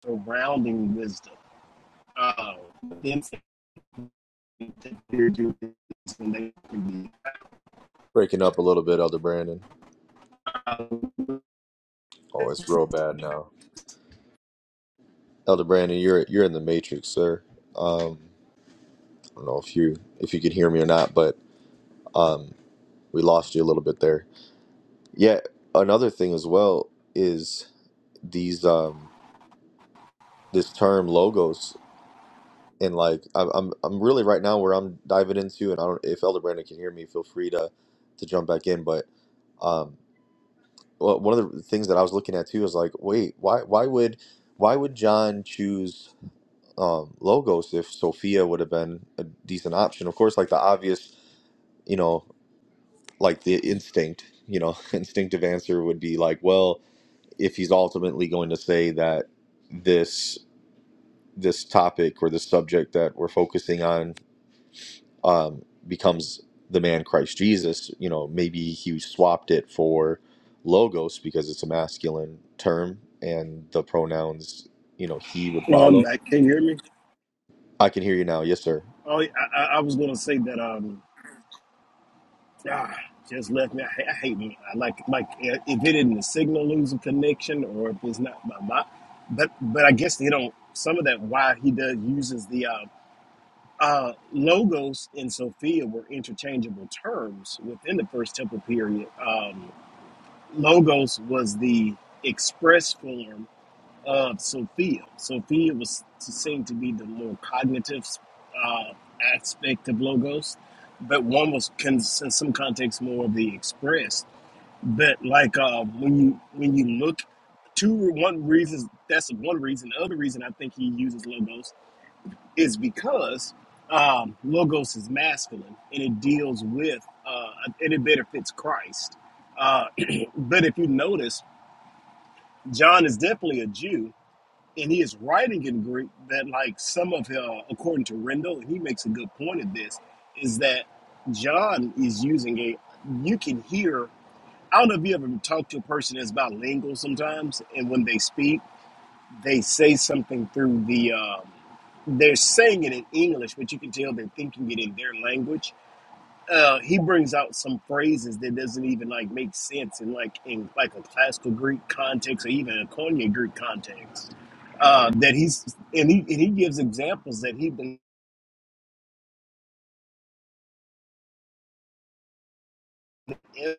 Speaker 5: surrounding wisdom. Uh, then they they can be.
Speaker 1: breaking up a little bit, Elder Brandon. Oh, it's real bad now, Elder Brandon. You're you're in the matrix, sir. Um, I don't know if you if you can hear me or not, but um, we lost you a little bit there. Yeah, another thing as well is these um this term logos and like I'm I'm I'm really right now where I'm diving into, and I don't if Elder Brandon can hear me, feel free to to jump back in, but. um. well, one of the things that I was looking at too is like, wait, why why would why would John choose um, Logos if Sophia would have been a decent option? Of course, like the obvious, you know, like the instinct, you know, *laughs* instinctive answer would be like, well, if he's ultimately going to say that this this topic or the subject that we're focusing on um, becomes the man Christ Jesus. You know, maybe he swapped it for logos because it's a masculine term and the pronouns, you know, he would
Speaker 5: Oh, I'm
Speaker 1: follow.
Speaker 5: back. Can you hear me?
Speaker 1: I can hear you now. Yes, sir.
Speaker 5: Oh, yeah, I, I I was going to say that. Um, Ah, just left me. I, I hate me. I like like uh, if it isn't the signal losing connection or if it's not my my. But but I guess you know some of that why he does uses the uh, uh, logos in Sophia were interchangeable terms within the First Temple period. Um, logos was the express form of Sophia. Sophia was to seem to be the more cognitive uh, aspect of Logos, but one was can, in some contexts more of the express. But like uh, when you when you look, two one reasons that's one reason. The other reason I think he uses Logos is because um, Logos is masculine and it deals with uh, and it better fits Christ. Uh, *clears throat* but if you notice, John is definitely a Jew and he is writing in Greek that like some of uh, according to Rendell, and he makes a good point of this, is that John is using a you can hear I don't know if you ever talk to a person that's bilingual sometimes, and when they speak, they say something through the um, they're saying it in English, but you can tell they're thinking it in their language uh, he brings out some phrases that doesn't even like make sense in like in like a classical Greek context or even a Koine Greek context. Uh, that he's and he and he gives examples that he believes in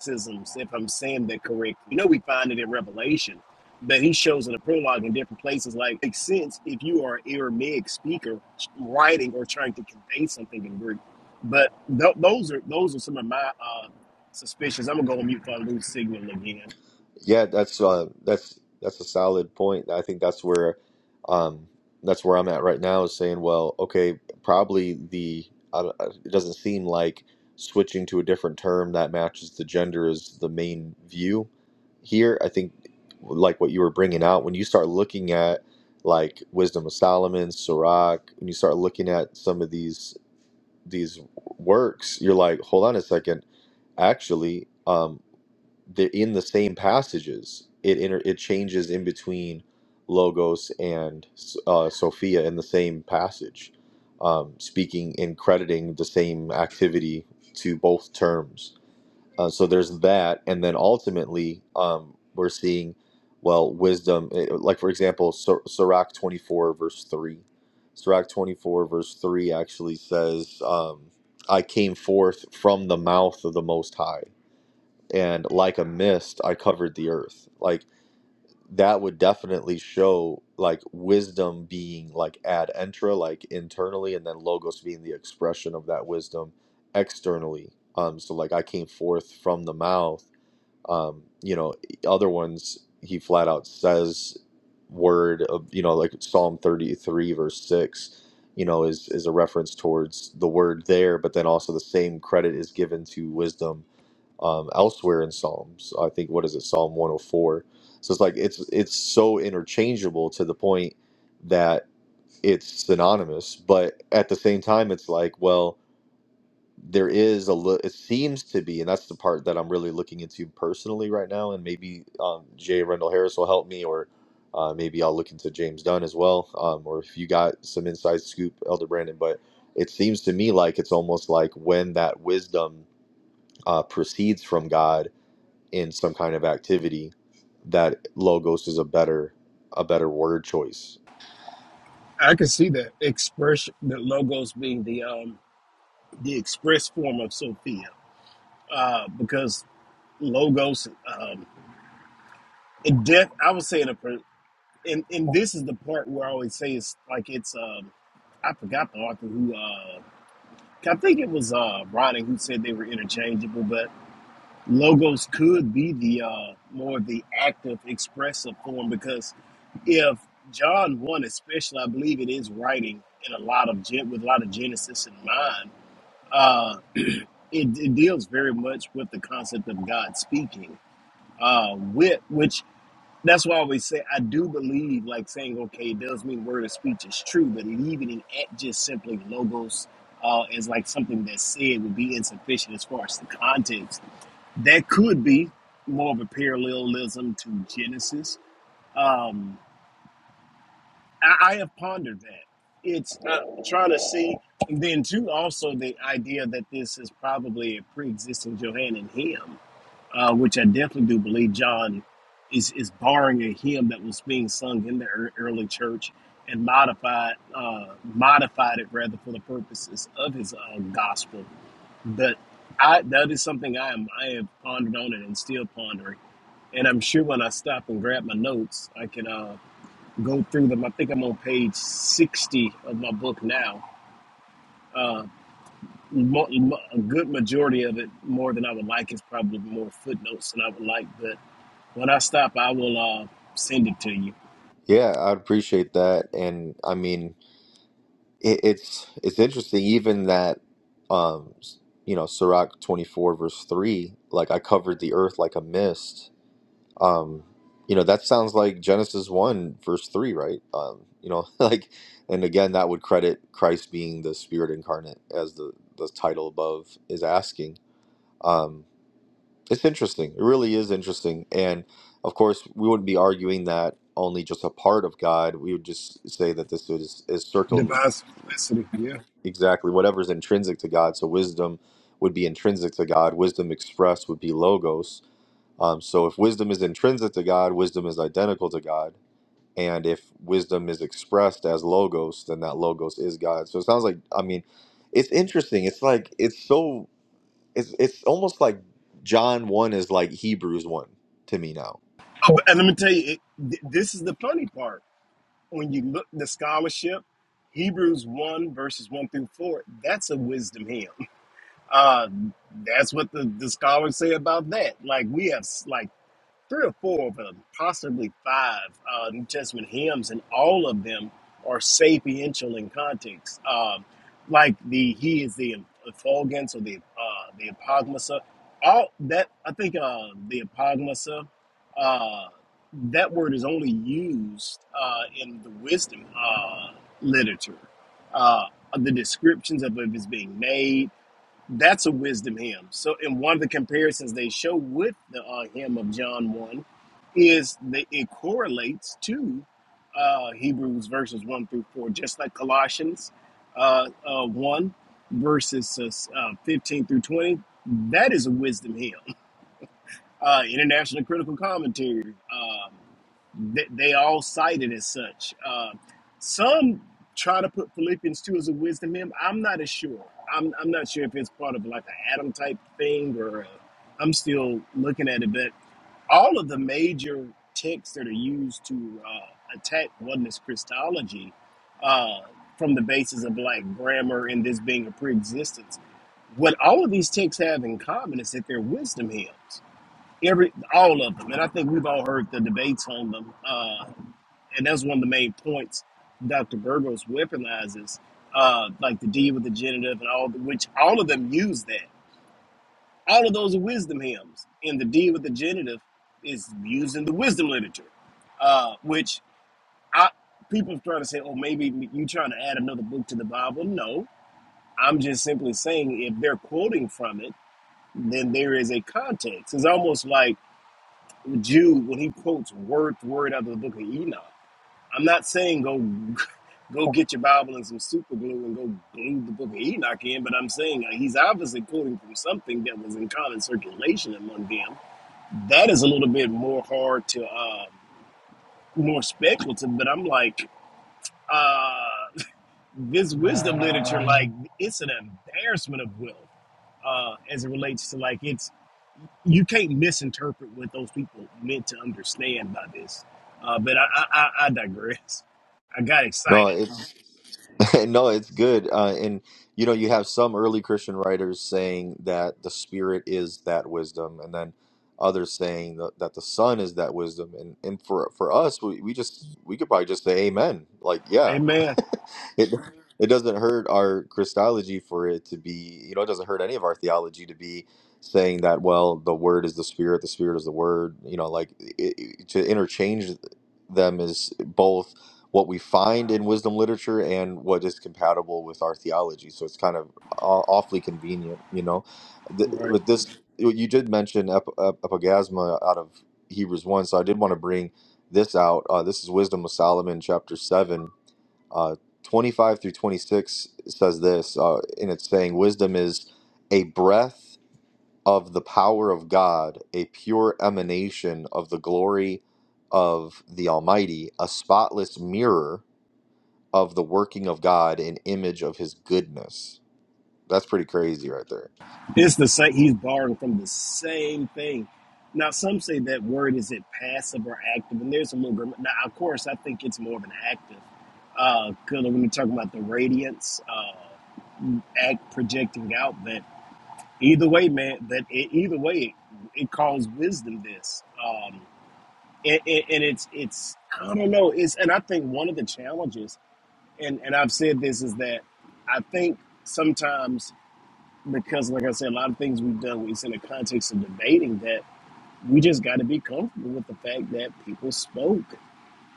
Speaker 5: exorcisms, if I'm saying that correct. You know, we find it in Revelation, but he shows in the prologue in different places. Like makes sense if you are an Aramaic speaker writing or trying to convey something in Greek. But th- those are those are some of my uh, suspicions. I'm gonna go on mute for a loose signal again.
Speaker 1: Yeah, that's uh, that's that's a solid point. I think that's where um, that's where I'm at right now is saying, well, okay, probably the I don't- uh, it doesn't seem like switching to a different term that matches the gender is the main view here. I think like what you were bringing out when you start looking at like Wisdom of Solomon, Sirach, when you start looking at some of these these works, you're like, hold on a second actually. Um, they're in the same passages. It inter- it changes in between logos and uh, Sophia in the same passage, um, speaking and crediting the same activity to both terms. Uh, so there's that, and then ultimately um, we're seeing, well, wisdom. eh, Like for example, Sir- Sirach 24 verse three. Sirach 24 verse three actually says, um, "I came forth from the mouth of the Most High." and like a mist i covered the earth like that would definitely show like wisdom being like ad intra like internally and then logos being the expression of that wisdom externally um so like i came forth from the mouth um you know other ones he flat out says word of you know like psalm 33 verse 6 you know is is a reference towards the word there but then also the same credit is given to wisdom um, elsewhere in Psalms. I think what is it, Psalm 104. So it's like it's it's so interchangeable to the point that it's synonymous, but at the same time, it's like well, there is a li- it seems to be, and that's the part that I'm really looking into personally right now, and maybe um, Jay Rendell Harris will help me, or uh, maybe I'll look into James Dunn as well, um, or if you got some inside scoop, Elder Brandon, but. It seems to me like it's almost like when that wisdom uh, proceeds from God, in some kind of activity, that logos is a better a better word choice.
Speaker 5: I can see that expression. the logos being the um the express form of Sophia, uh, because logos um in death. I would say in a per- and and this is the part where I always say it's like it's um I forgot the author who uh I think it was uh Ronnie who said they were interchangeable, but logos could be the uh more the active expressive form because if John one especially I believe it is writing in a lot of gen with a lot of Genesis in mind uh, *clears throat* it, it deals very much with the concept of God speaking. Uh, with which that's why I always say I do believe like saying okay, it does mean word of speech is true, but leaving at just simply logos uh, as like something that's said would be insufficient as far as the context. That could be more of a parallelism to Genesis. Um, I, I have pondered that. It's uh, trying to see, and then too, also the idea that this is probably a pre-existing Johann and hymn, uh, which I definitely do believe John is is borrowing a hymn that was being sung in the ear- early church and modified uh, modified it rather for the purposes of his uh, gospel. But I, that is something I am I have pondered on it and still pondering. And I'm sure when I stop and grab my notes, I can. Uh, go through them. I think I'm on page 60 of my book now. Mo- mo- A good majority of it, more than I would like, is probably more footnotes than I would like. But when I stop, I will uh, send it to you.
Speaker 1: Yeah, I'd appreciate that. And I mean, it, it's it's interesting even that um s- you know Sirach 24 verse 3 like I covered the earth like a mist. Um you know, that sounds like Genesis 1 verse 3, right? Um you know, *laughs* like and again that would credit Christ being the spirit incarnate as the the title above is asking. um, It's interesting. It really is interesting. And of course, we wouldn't be arguing that only just a part of God. We would just say that this is, is circle
Speaker 5: Divine simplicity. Yeah.
Speaker 1: exactly whatever's intrinsic to God. So wisdom would be intrinsic to God. Wisdom expressed would be logos. Um, so if wisdom is intrinsic to God, wisdom is identical to God. And if wisdom is expressed as logos, then that logos is God. So it sounds like, I mean, it's interesting. It's like, it's so it's it's almost like John one is like Hebrews one to me now.
Speaker 5: Oh, and let me tell you, it, th- this is the funny part. When you look the scholarship, Hebrews one verses one through four, that's a wisdom hymn. *laughs* Uh, that's what the, the scholars say about that. Like we have s- like three or four of them, possibly five uh, New Testament hymns, and all of them are sapiential in context. Um, like the he is the effulgence or the uh, the apogmasa. All that I think uh, the apogmasa. Uh, that word is only used uh, in the wisdom uh, literature. Uh, the descriptions of it is being made that's a wisdom hymn. So, in one of the comparisons they show with the uh, hymn of John 1 is that it correlates to uh, Hebrews verses 1 through 4, just like Colossians uh, uh, 1 verses uh, 15 through 20. That is a wisdom hymn uh, international critical commentary. Um, they, they all cite it as such. Um some try to put Philippians 2 as a wisdom hymn. I'm not as sure. I'm, I'm not sure if it's part of like an Adam type thing or uh, I'm still looking at it. But all of the major texts that are used to uh, attack oneness Christology uh, from the basis of like grammar and this being a pre existence, what all of these texts have in common is that they're wisdom hymns every all of them, and I think we've all heard the debates on them, uh, and that's one of the main points Dr. Burgos weaponizes, uh, like the D with the genitive and all, which all of them use that. All of those are wisdom hymns, and the D with the genitive is used in the wisdom literature, uh, which I, people try to say, oh, maybe you trying to add another book to the Bible. No, I'm just simply saying if they're quoting from it, then there is a context. It's almost like Jude when he quotes word for word out of the book of Enoch. I'm not saying go *laughs* go get your Bible and some super glue and go glue the book of Enoch in, but I'm saying uh, he's obviously quoting from something that was in common circulation among them. That is a little bit more hard to um, more speculative, but I'm like uh, this wisdom literature, like it's an embarrassment of wealth uh, as it relates to like it's. you can't misinterpret what those people meant to understand by this. Uh, but I, I, I I digress. I got
Speaker 1: No,
Speaker 5: excited.
Speaker 1: it's. *laughs* no, it's good. Uh, and you know, you have some early Christian writers saying that the Spirit is that wisdom, and then others saying that, that the Son is that wisdom. And and for for us, we, we just we could probably just say Amen. Like, yeah,
Speaker 5: Amen.
Speaker 1: *laughs* it it doesn't hurt our Christology for it to be. You know, it doesn't hurt any of our theology to be saying that. Well, the Word is the Spirit. The Spirit is the Word. You know, like it, it- to interchange them is both what we find in wisdom literature and what is compatible with our theology. So it's kind of aw- awfully convenient, you know. Th-
Speaker 5: All right.
Speaker 1: With this, you did mention ep- ep- epigasma out of Hebrews 1, so I did want to bring this out. Uh, this is Wisdom of Solomon, chapter 7, uh, 25 through 26 says this, uh, and it's saying, Wisdom is a breath of the power of God, a pure emanation of the glory of the Almighty, a spotless mirror of the working of God an image of his goodness. That's pretty crazy right there.
Speaker 5: It's the same. He's borrowing from the same thing. Now, some say that word isn't passive or active, and there's a little. Grammar. Now, of course, I think it's more of an active. Because when we talk about the radiance, uh, act projecting out, that either way, man, that it, either way, it, calls wisdom this. Um, and, and, and it's it's I don't know. It's and I think one of the challenges, and and I've said this is that I think sometimes because like I said, a lot of things we've done it's in the context of debating that we just got to be comfortable with the fact that people spoke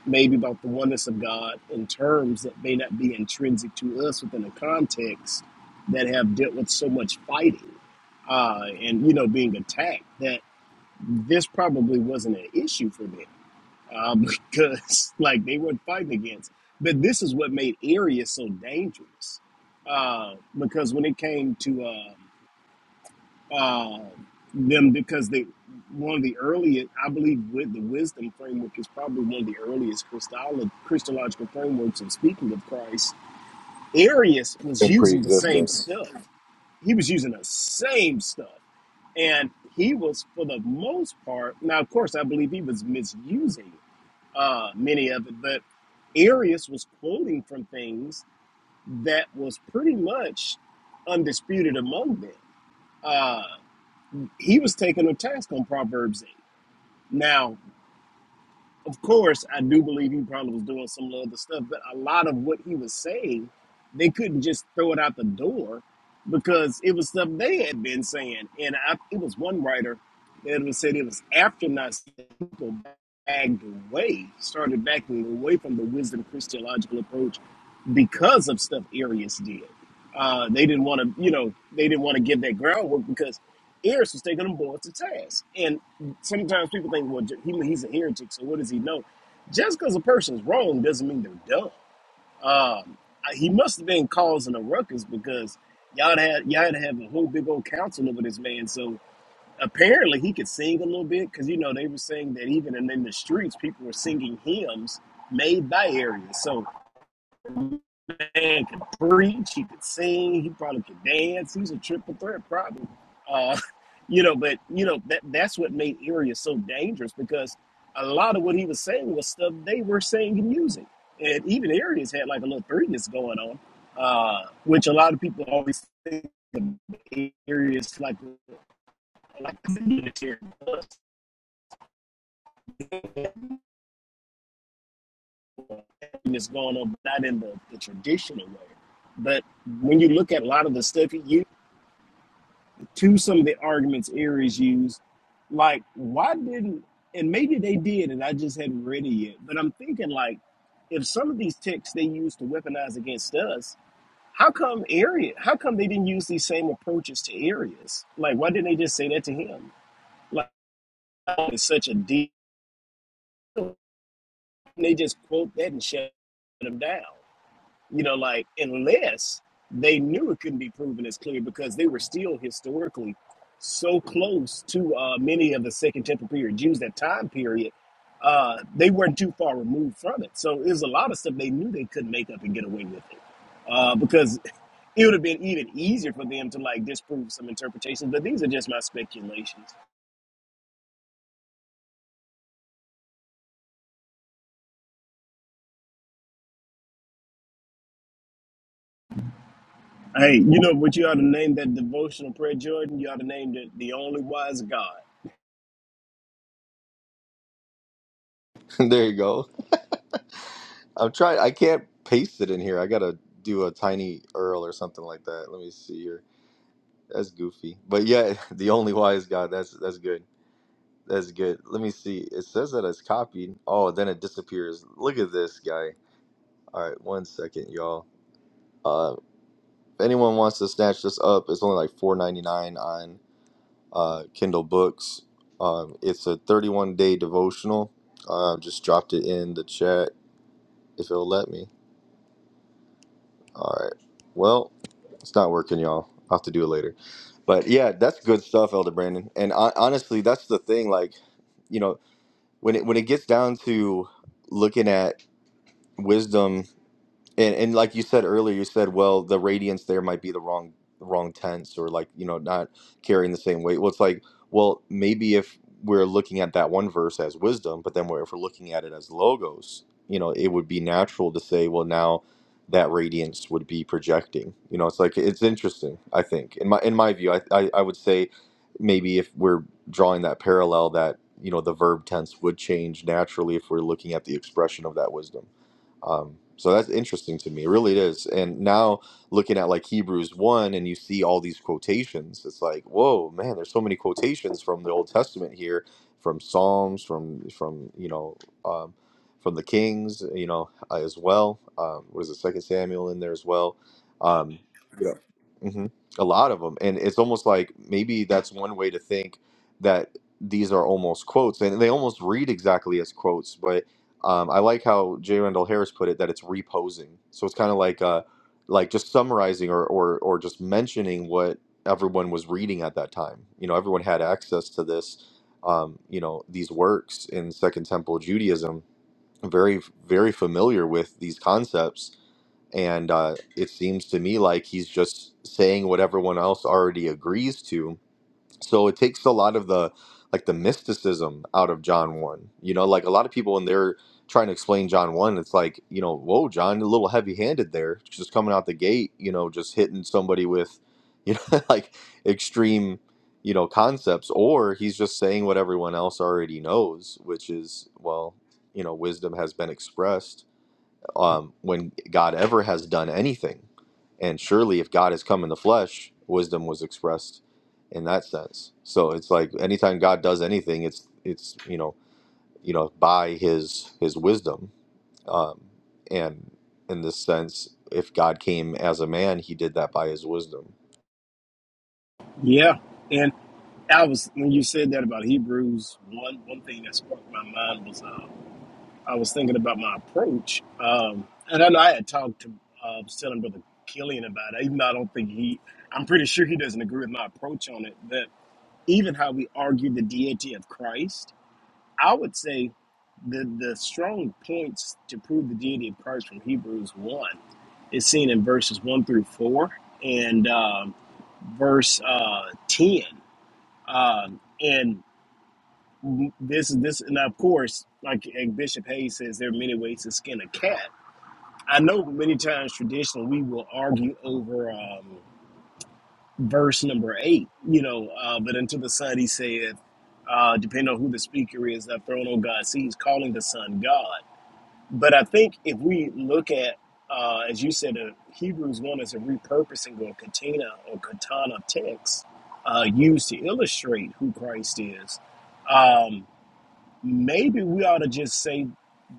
Speaker 5: maybe about the oneness of God in terms that may not be intrinsic to us within a context that have dealt with so much fighting uh, and you know being attacked that this probably wasn't an issue for them uh, *laughs* because like they weren't fighting against. But this is what made Arius so dangerous, uh, because when it came to uh, uh, them, because they one of the earliest, I believe, with the wisdom framework is probably one of the earliest Christolo- Christological frameworks. in speaking of Christ, Arius was
Speaker 1: In
Speaker 5: using the same
Speaker 1: pre-existence.
Speaker 5: stuff. He was using the same stuff, and he was for the most part. Now, of course, I believe he was misusing uh, many of it, but Arius was quoting from things that was pretty much undisputed among them. Uh, he was taking a task on Proverbs 8. Now, of course, I do believe he probably was doing some other stuff, but a lot of what he was saying, they couldn't just throw it out the door because it was stuff they had been saying. And I, it was one writer that was said it was after Nazism people backed away, started backing away from the wisdom Christological approach because of stuff Arius did. Uh, they didn't want to, you know, they didn't want to give that groundwork because Arius was taking them boys to task. And sometimes people think, well, he, he's a heretic, so what does he know? Just because a person's wrong doesn't mean they're dumb. Um, I- he must have been causing a ruckus because y'all had y'all had to have a whole big old council over this man. So apparently he could sing a little bit because you know they were saying that even in, in the streets people were singing hymns made by Arius. So man could preach, he could sing, he probably could dance. He's a triple threat, probably. Uh, *laughs* you know, but you know that that's what made Area so dangerous because a lot of what he was saying was stuff they were saying and using, and even Areas had like a little threeness going on, uh, which a lot of people always think of Areas like like a unitary threeness going on, but not in the, the traditional way. But when you look at a lot of the stuff he used. to some of the arguments Aries used, like why didn't and maybe they did and I just hadn't read it yet, but I'm thinking like if some of these texts they used to weaponize against us, how come Arius how come they didn't use these same approaches to Arius? Like why didn't they just say that to him? Like it's such a deep they just quote that and shut him down. you know, like unless they knew it couldn't be proven as clear because they were still historically so close to uh, many of the Second Temple period Jews that time period, uh, they weren't too far removed from it. So there's a lot of stuff they knew they couldn't make up and get away with it. Uh, because it would have been even easier for them to like disprove some interpretations, but these are just my speculations. Hey, you know what you ought to name that devotional prayer, Jordan? You ought to name it the only wise God.
Speaker 1: *laughs* there you go. *laughs* I'm trying I can't paste it in here. I gotta do a tiny URL or something like that. Let me see here. That's goofy. But yeah, *laughs* the only wise God, that's that's good. That's good. Let me see. It says that it's copied. Oh, then it disappears. Look at this guy. All right, one second, y'all. Uh, if anyone wants to snatch this up, it's only like four ninety nine on uh, Kindle books. Um, it's a 31 day devotional. Uh, just dropped it in the chat if it'll let me. All right. Well, it's not working, y'all. I'll have to do it later. But yeah, that's good stuff, Elder Brandon. And I, honestly, that's the thing. Like, you know, when it when it gets down to looking at wisdom And and like you said earlier, you said, well, the radiance there might be the wrong wrong tense or like, you know, not carrying the same weight. Well, it's like, well, maybe if we're looking at that one verse as wisdom, but then we're, if we're looking at it as logos, you know, it would be natural to say, well, now that radiance would be projecting. You know, it's like it's interesting, I think. In my in my view, I I, I would say maybe if we're drawing that parallel that, you know, the verb tense would change naturally if we're looking at the expression of that wisdom. Um, so that's interesting to me. It really is. And now looking at like Hebrews 1 and you see all these quotations, it's like, whoa, man, there's so many quotations from the Old Testament here, from Psalms, from, from you know, um, from the Kings, you know, uh, as well. Um, what is it, Second Samuel in there as well? Um, yeah. hmm A lot of them. And it's almost like maybe that's one way to think that these are almost quotes and they almost read exactly as quotes, um, I like how J. Randall Harris put it that it's reposing. So it's kind of like uh, like just summarizing or, or or just mentioning what everyone was reading at that time. You know, everyone had access to this. Um, you know, these works in Second Temple Judaism, very very familiar with these concepts, and uh, it seems to me like he's just saying what everyone else already agrees to so it takes a lot of the like the mysticism out of John 1. You know, like a lot of people when they're trying to explain John 1, it's like, you know, whoa, John, a little heavy-handed there, just coming out the gate, you know, just hitting somebody with, you know, *laughs* like extreme, you know, concepts or he's just saying what everyone else already knows, which is, well, you know, wisdom has been expressed um, when God ever has done anything. And surely, if God has come in the flesh, wisdom was expressed in that sense. So it's like anytime God does anything, it's it's you know you know by His His wisdom, um, and in this sense, if God came as a man, He did that by His wisdom.
Speaker 5: Yeah, and I was when you said that about Hebrews one one thing that sparked my mind was uh, I was thinking about my approach, um, and I know I had talked to uh, telling brother Killian about it. Even though I don't think he, I'm pretty sure he doesn't agree with my approach on it. That even how we argue the deity of Christ, I would say the the strong points to prove the deity of Christ from Hebrews one is seen in verses one through four and um, verse uh, ten um, and this is this, and of course, like Bishop Hayes says, there are many ways to skin a cat. I know many times traditionally we will argue over um, verse number eight, you know, uh, but until the Son he saith, uh, depending on who the speaker is, that throne on God sees, calling the son God. But I think if we look at, uh, as you said, uh, Hebrews 1 is a repurposing or katina or katana text uh, used to illustrate who Christ is. Um, maybe we ought to just say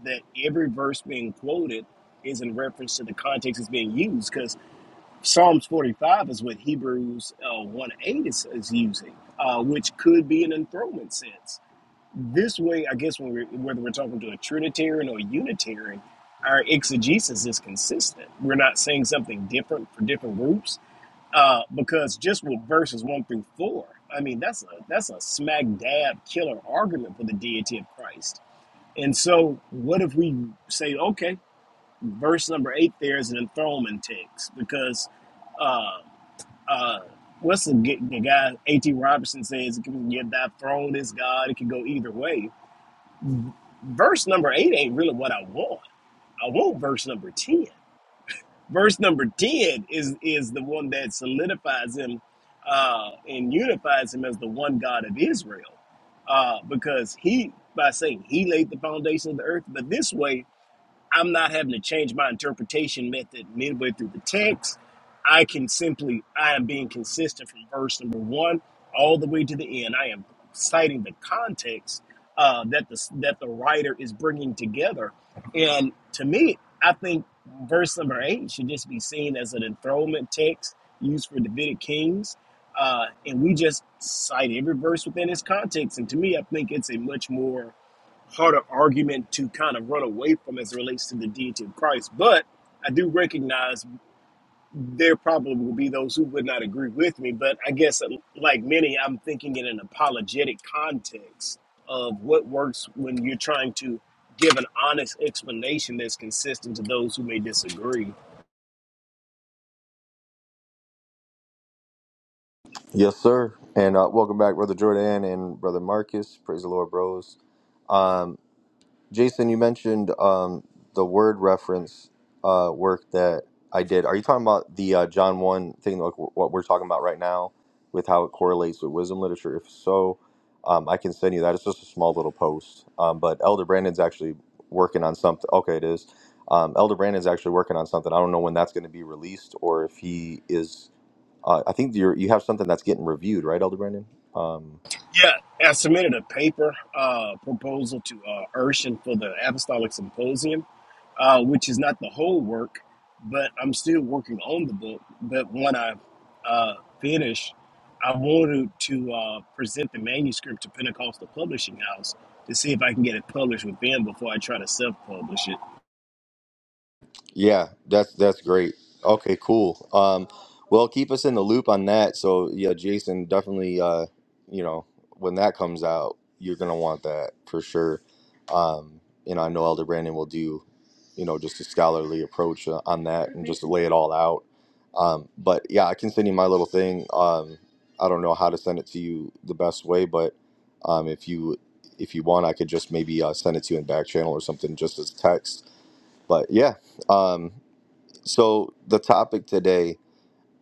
Speaker 5: that every verse being quoted is in reference to the context it's being used because psalms 45 is what hebrews uh, 1 8 is, is using uh, which could be an enthronement sense this way i guess when we're, whether we're talking to a trinitarian or a unitarian our exegesis is consistent we're not saying something different for different groups uh, because just with verses one through four i mean that's a that's a smack dab killer argument for the deity of christ and so, what if we say, okay, verse number eight there is an enthronement text because uh, uh, what's the, g- the guy A.T. Robinson says it can get that throne is God. It can go either way. Verse number eight ain't really what I want. I want verse number ten. Verse number ten is is the one that solidifies him uh, and unifies him as the one God of Israel uh, because he by saying he laid the foundation of the earth, but this way. I'm not having to change my interpretation method midway through the text. I can simply, I am being consistent from verse number one all the way to the end. I am citing the context uh, that the that the writer is bringing together, and to me, I think verse number eight should just be seen as an enthronement text used for Davidic kings, uh, and we just cite every verse within its context. And to me, I think it's a much more harder argument to kind of run away from as it relates to the deity of Christ. But I do recognize there probably will be those who would not agree with me. But I guess, uh, like many, I'm thinking in an apologetic context of what works when you're trying to give an honest explanation that's consistent to those who may disagree.
Speaker 1: Yes, sir. And uh, welcome back, brother Jordan and brother Marcus. Praise the Lord, bros. Um, Jason, you mentioned um, the word reference uh, work that I did. Are you talking about the uh, John 1 thing, like wh- what we're talking about right now, with how it correlates with wisdom literature? If so, um, I can send you that. It's just a small little post. Um, but Elder Brandon's actually working on something. Okay, it is. Um, Elder Brandon's actually working on something. I don't know when that's going to be released or if he is. Uh, I think you're, you have something that's getting reviewed, right, Elder Brandon? Um,
Speaker 5: Yeah, I submitted a paper uh, proposal to uh, Urshan for the Apostolic Symposium, uh, which is not the whole work, but I'm still working on the book. But when I uh, finish, I wanted to uh, present the manuscript to Pentecostal Publishing House to see if I can get it published with them before I try to self publish it.
Speaker 1: Yeah, that's that's great. Okay, cool. Um, well, keep us in the loop on that. So yeah, Jason, definitely. Uh, you know, when that comes out, you're gonna want that for sure. Um, you know, I know Elder Brandon will do, you know, just a scholarly approach uh, on that and just lay it all out. Um, but yeah, I can send you my little thing. Um, I don't know how to send it to you the best way, but um, if you if you want, I could just maybe uh, send it to you in back channel or something, just as text. But yeah. Um, so the topic today,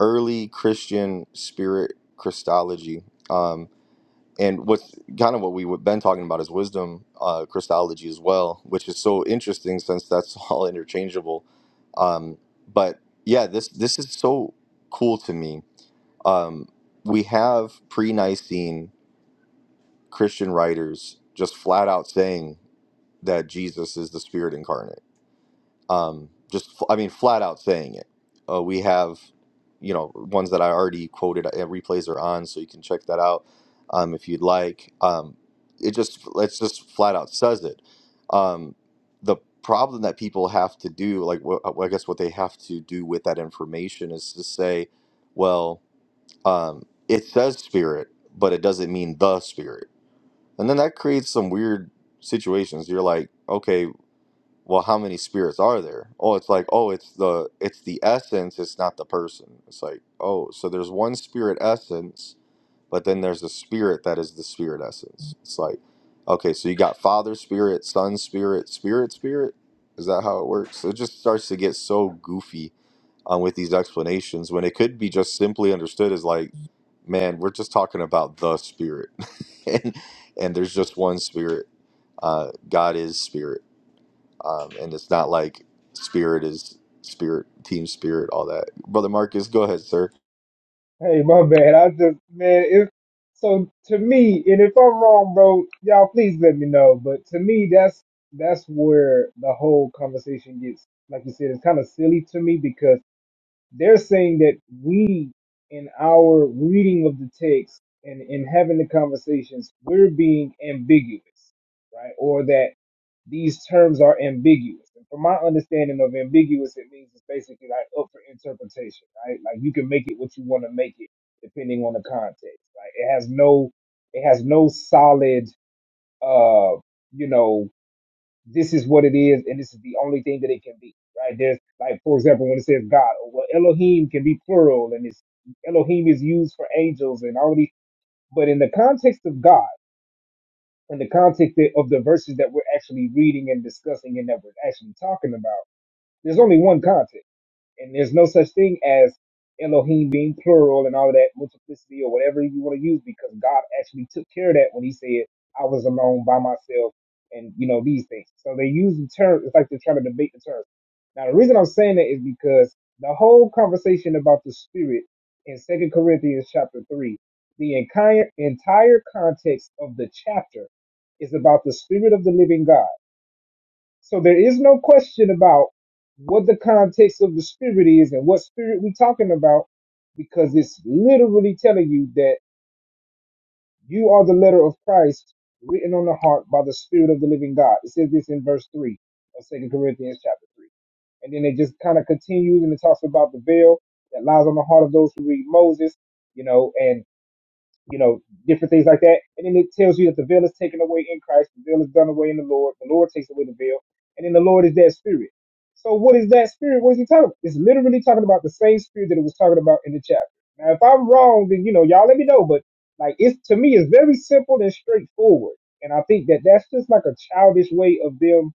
Speaker 1: early Christian spirit Christology, um, and what's kind of what we've been talking about is wisdom uh, Christology as well, which is so interesting since that's *laughs* all interchangeable. Um, but yeah, this this is so cool to me. Um, we have pre-Nicene Christian writers just flat out saying that Jesus is the Spirit incarnate um, just f- I mean flat out saying it. Uh, we have, you know, ones that I already quoted. uh, Replays are on, so you can check that out um, if you'd like. Um, it just it's just flat out says it. Um, the problem that people have to do, like wh- uh, I guess what they have to do with that information is to say, well, um, it says spirit, but it doesn't mean the spirit, and then that creates some weird situations. You're like, okay, well how many spirits are there oh it's like oh it's the it's the essence it's not the person it's like oh so there's one spirit essence but then there's a spirit that is the spirit essence it's like okay so you got father spirit son spirit spirit spirit is that how it works it just starts to get so goofy um, with these explanations when it could be just simply understood as like man we're just talking about the spirit *laughs* and and there's just one spirit uh, god is spirit um, and it's not like spirit is spirit team spirit all that brother marcus go ahead sir
Speaker 4: Hey, my bad. I just man, if so to me, and if I'm wrong, bro, y'all please let me know. But to me, that's that's where the whole conversation gets, like you said, it's kind of silly to me because they're saying that we, in our reading of the text and in having the conversations, we're being ambiguous, right? Or that these terms are ambiguous. And from my understanding of ambiguous, it means it's basically like up for interpretation, right? Like you can make it what you want to make it depending on the context. Like it has no, it has no solid, uh, you know, this is what it is, and this is the only thing that it can be, right? There's like, for example, when it says God, or well, Elohim can be plural, and it's Elohim is used for angels and all these. But in the context of God in the context of the verses that we're actually reading and discussing and that we're actually talking about, there's only one context. And there's no such thing as Elohim being plural and all of that multiplicity or whatever you want to use because God actually took care of that when he said, I was alone by myself and you know these things. So they use the term it's like they're trying to debate the terms. Now the reason I'm saying that is because the whole conversation about the spirit in Second Corinthians chapter three, the entire entire context of the chapter is about the spirit of the living God so there is no question about what the context of the spirit is and what spirit we talking about, because it's literally telling you that you are the letter of Christ written on the heart by the Spirit of the living God. It says this in verse 3 of Second Corinthians chapter 3. And then it just kind of continues and it talks about the veil that lies on the heart of those who read Moses, you know, and you know, different things like that. And then it tells you that the veil is taken away in Christ, the veil is done away in the Lord, the Lord takes away the veil, and then the Lord is that spirit. So what is that spirit? What is he talking about? It's literally talking about the same spirit that it was talking about in the chapter. Now, if I'm wrong, then you know, y'all let me know. But like, it's to me, it's very simple and straightforward. And I think that that's just like a childish way of them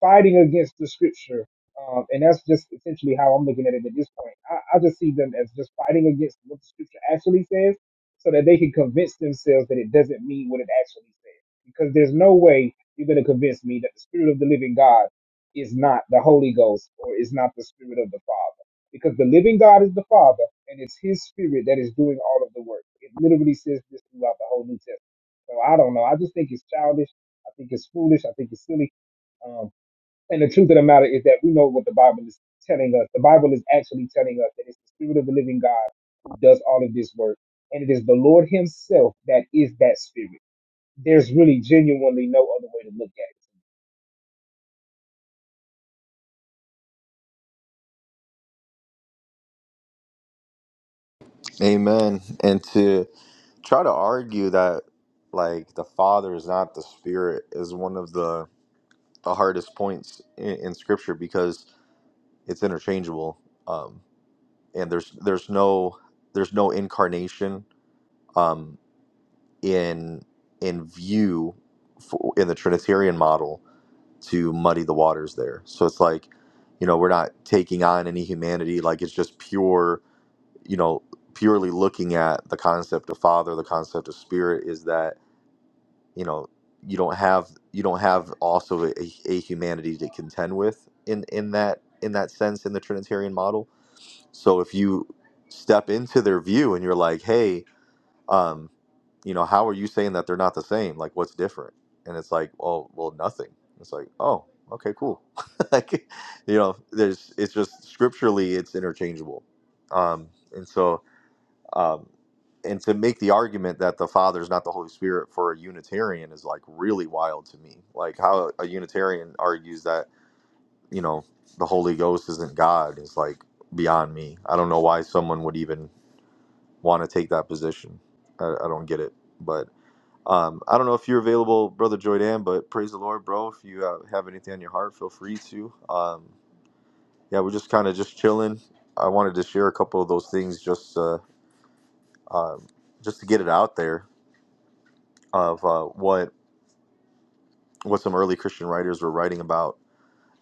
Speaker 4: fighting against the scripture. Um, and that's just essentially how I'm looking at it at this point. I, I just see them as just fighting against what the scripture actually says so that they can convince themselves that it doesn't mean what it actually says. Because there's no way you're going to convince me that the spirit of the living God is not the Holy Ghost or is not the spirit of the Father. Because the living God is the Father and it's his spirit that is doing all of the work. It literally says this throughout the whole New Testament. So I don't know. I just think it's childish. I think it's foolish. I think it's silly. Um, and the truth of the matter is that we know what the Bible is telling us. The Bible is actually telling us that it's the Spirit of the living God who does all of this work. And it is the Lord Himself that is that Spirit. There's really genuinely no other way to look at it.
Speaker 1: amen and to try to argue that like the father is not the spirit is one of the the hardest points in, in scripture because it's interchangeable um and there's there's no there's no incarnation um in in view for, in the trinitarian model to muddy the waters there. So it's like, you know, we're not taking on any humanity. Like it's just pure, you know, purely looking at the concept of Father, the concept of Spirit is that, you know, you don't have you don't have also a, a humanity to contend with in in that in that sense in the Trinitarian model. So if you step into their view and you're like, hey, um, you know, how are you saying that they're not the same? Like, what's different? And it's like, oh, well, nothing. It's like, oh, okay, cool. *laughs* like, you know, there's, it's just scripturally, it's interchangeable. Um, and so, um, and to make the argument that the Father is not the Holy Spirit for a Unitarian is like really wild to me. Like, how a Unitarian argues that, you know, the Holy Ghost isn't God is like beyond me. I don't know why someone would even want to take that position. I, I don't get it, but. Um, I don't know if you're available, Brother Joydan, but praise the Lord, bro. If you uh, have anything on your heart, feel free to. Um, yeah, we're just kind of just chilling. I wanted to share a couple of those things just uh, um just to get it out there of uh, what what some early Christian writers were writing about.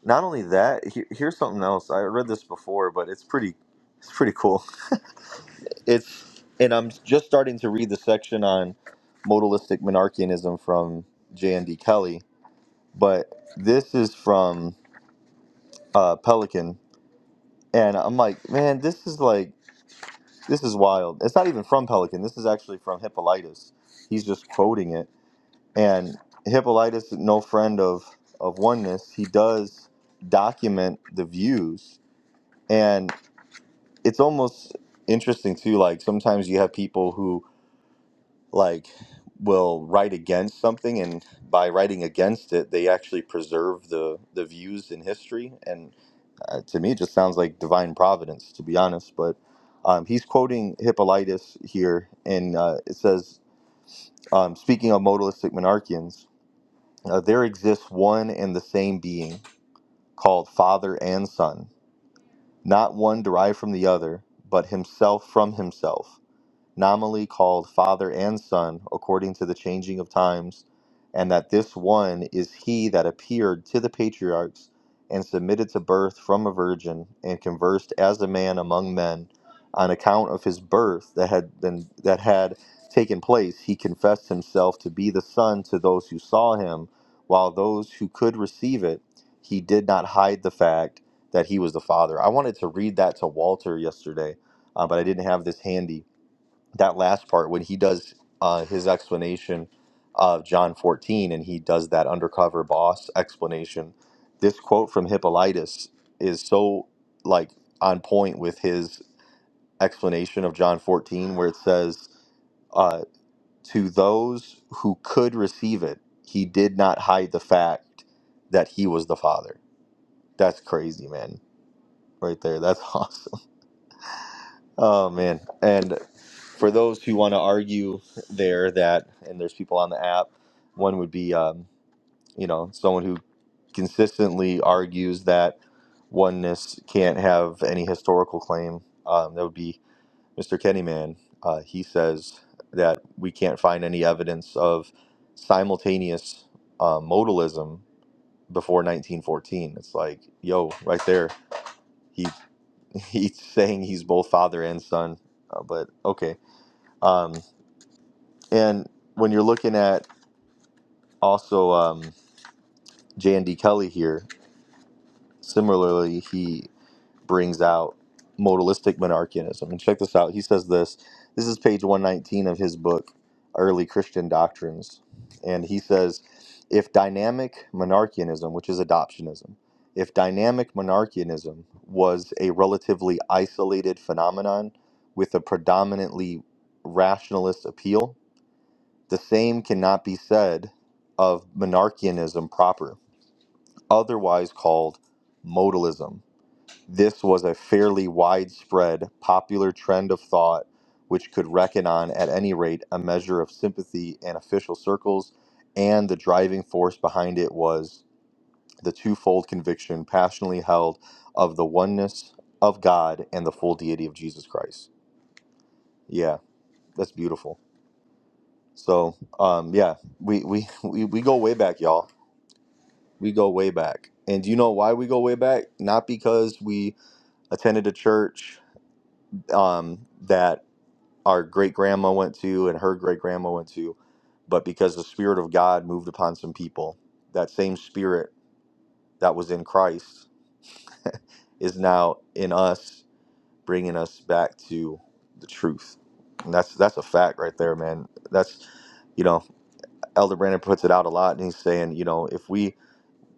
Speaker 1: Not only that, he, here's something else. I read this before, but it's pretty it's pretty cool. It's and I'm just starting to read the section on modalistic monarchianism from J.N.D. Kelly, but this is from uh, Pelican, and I'm like, man, this is like, this is wild. It's not even from Pelican. This is actually from Hippolytus. He's just quoting it. And Hippolytus, no friend of of oneness, he does document the views, and it's almost interesting too. Like sometimes you have people who like will write against something and by writing against it they actually preserve the the views in history And uh, to me, it just sounds like divine providence, to be honest. But um, he's quoting Hippolytus here, and uh, it says, um, speaking of modalistic monarchians, uh, there exists one and the same being called Father and Son, not one derived from the other, but himself from himself nominally called Father and Son, according to the changing of times, and that this one is he that appeared to the patriarchs and submitted to birth from a virgin, and conversed as a man among men. On account of his birth that had been that had taken place, he confessed himself to be the Son to those who saw him, while those who could receive it, he did not hide the fact that he was the Father. I wanted to read that to Walter yesterday, uh, but I didn't have this handy that last part when he does uh, his explanation of John 14 and he does that undercover boss explanation. This quote from Hippolytus is so like on point with his explanation of John 14, where it says, uh, To those who could receive it, he did not hide the fact that he was the Father. That's crazy, man. Right there. That's *laughs* awesome. Oh man! And for those who want to argue there that, and there's people on the app, one would be, um, you know, someone who consistently argues that oneness can't have any historical claim. Um, that would be Mr. Kennyman. Uh, he says that we can't find any evidence of simultaneous uh, modalism before 1914. It's like, yo, right there. He *laughs* he's saying he's both father and son, uh, but okay. Um, and when you're looking at also um, J and D Kelly here, similarly, he brings out modalistic monarchianism. And check this out. He says this. This is page 119 of his book, Early Christian Doctrines. And he says, if dynamic monarchianism, which is adoptionism, if dynamic monarchianism was a relatively isolated phenomenon with a predominantly rationalist appeal, The same cannot be said of monarchianism proper, otherwise called modalism. This was a fairly widespread popular trend of thought which could reckon on, at any rate, a measure of sympathy in official circles, and the driving force behind it was the twofold conviction passionately held of the oneness of God and the full deity of Jesus Christ. Yeah, that's beautiful. So, um, yeah, we, we, *laughs* we, we go way back, y'all We go way back. And do you know why we go way back? Not because we attended a church um, that our great grandma went to and her great grandma went to, but because the Spirit of God moved upon some people. That same Spirit that was in Christ *laughs* is now in us, bringing us back to the truth. And that's that's a fact right there, man. That's you know, Elder Brandon puts it out a lot, and he's saying, you know, if we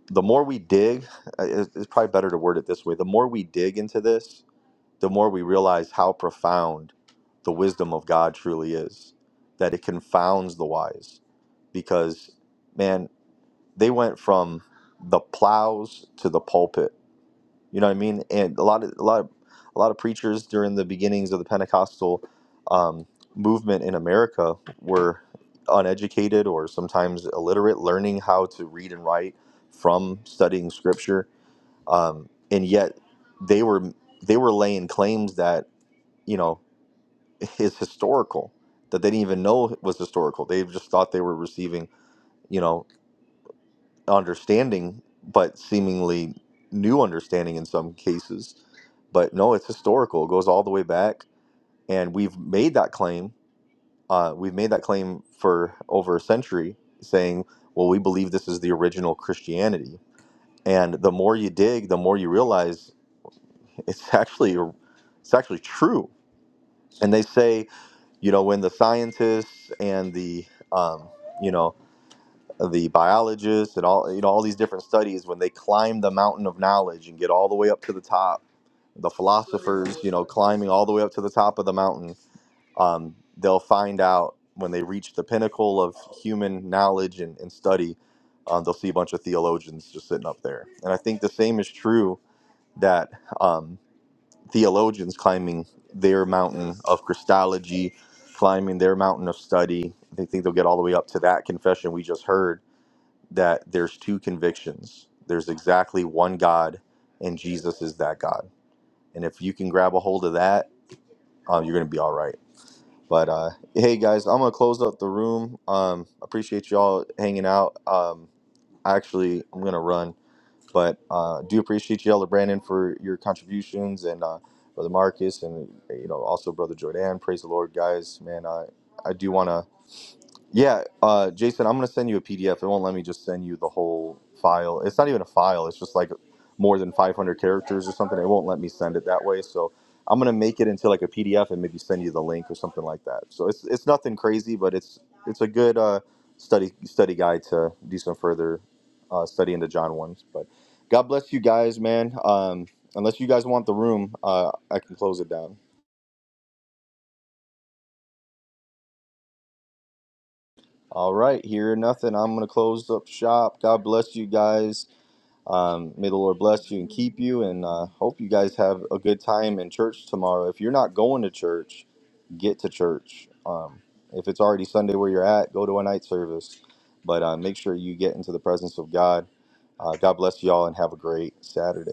Speaker 1: the more we dig, uh, it- it's probably better to word it this way the more we dig into this, the more we realize how profound the wisdom of God truly is, that it confounds the wise. Because, man, they went from the plows to the pulpit you know what I mean? And a lot of a lot of a lot of preachers during the beginnings of the Pentecostal um, movement in America were uneducated or sometimes illiterate, learning how to read and write from studying Scripture, um, and yet they were they were laying claims that you know *laughs* is historical that they didn't even know was historical. They just thought they were receiving. you know understanding, but seemingly new understanding in some cases. But no, it's historical. It goes all the way back, and we've made that claim. Uh, we've made that claim for over a century, saying, "Well, we believe this is the original Christianity." And the more you dig, the more you realize *laughs* it's actually it's actually true. And they say, you know, when the scientists and the um, you know the biologists and all you know all these different studies when they climb the mountain of knowledge and get all the way up to the top the philosophers you know climbing all the way up to the top of the mountain um, they'll find out when they reach the pinnacle of human knowledge and, and study um, they'll see a bunch of theologians just sitting up there and i think the same is true that um, theologians climbing their mountain of christology climbing their mountain of study they think they'll get all the way up to that confession we just heard that there's two convictions. There's exactly one God, and Jesus is that God. And if you can grab a hold of that, um, you're gonna be all right. But uh, hey, guys, I'm gonna close up the room. Um, appreciate y'all hanging out. Um, actually, I'm gonna run, but uh, do appreciate you, Elder Brandon, for your contributions and uh, Brother Marcus, and you know also Brother Jordan. Praise the Lord, guys. Man, I I do wanna yeah, uh, Jason, I'm gonna send you a PDF. It won't let me just send you the whole file. It's not even a file. It's just like more than 500 characters or something. It won't let me send it that way. So I'm gonna make it into like a PDF and maybe send you the link or something like that. So it's it's nothing crazy, but it's it's a good uh, study study guide to do some further uh, study into John ones. But God bless you guys, man. Um, unless you guys want the room, uh, I can close it down. All right, here nothing. I'm gonna close up shop. God bless you guys. Um, may the Lord bless you and keep you, and uh, hope you guys have a good time in church tomorrow. If you're not going to church, get to church. Um, if it's already Sunday where you're at, go to a night service. But uh, make sure you get into the presence of God. Uh, God bless you all and have a great Saturday.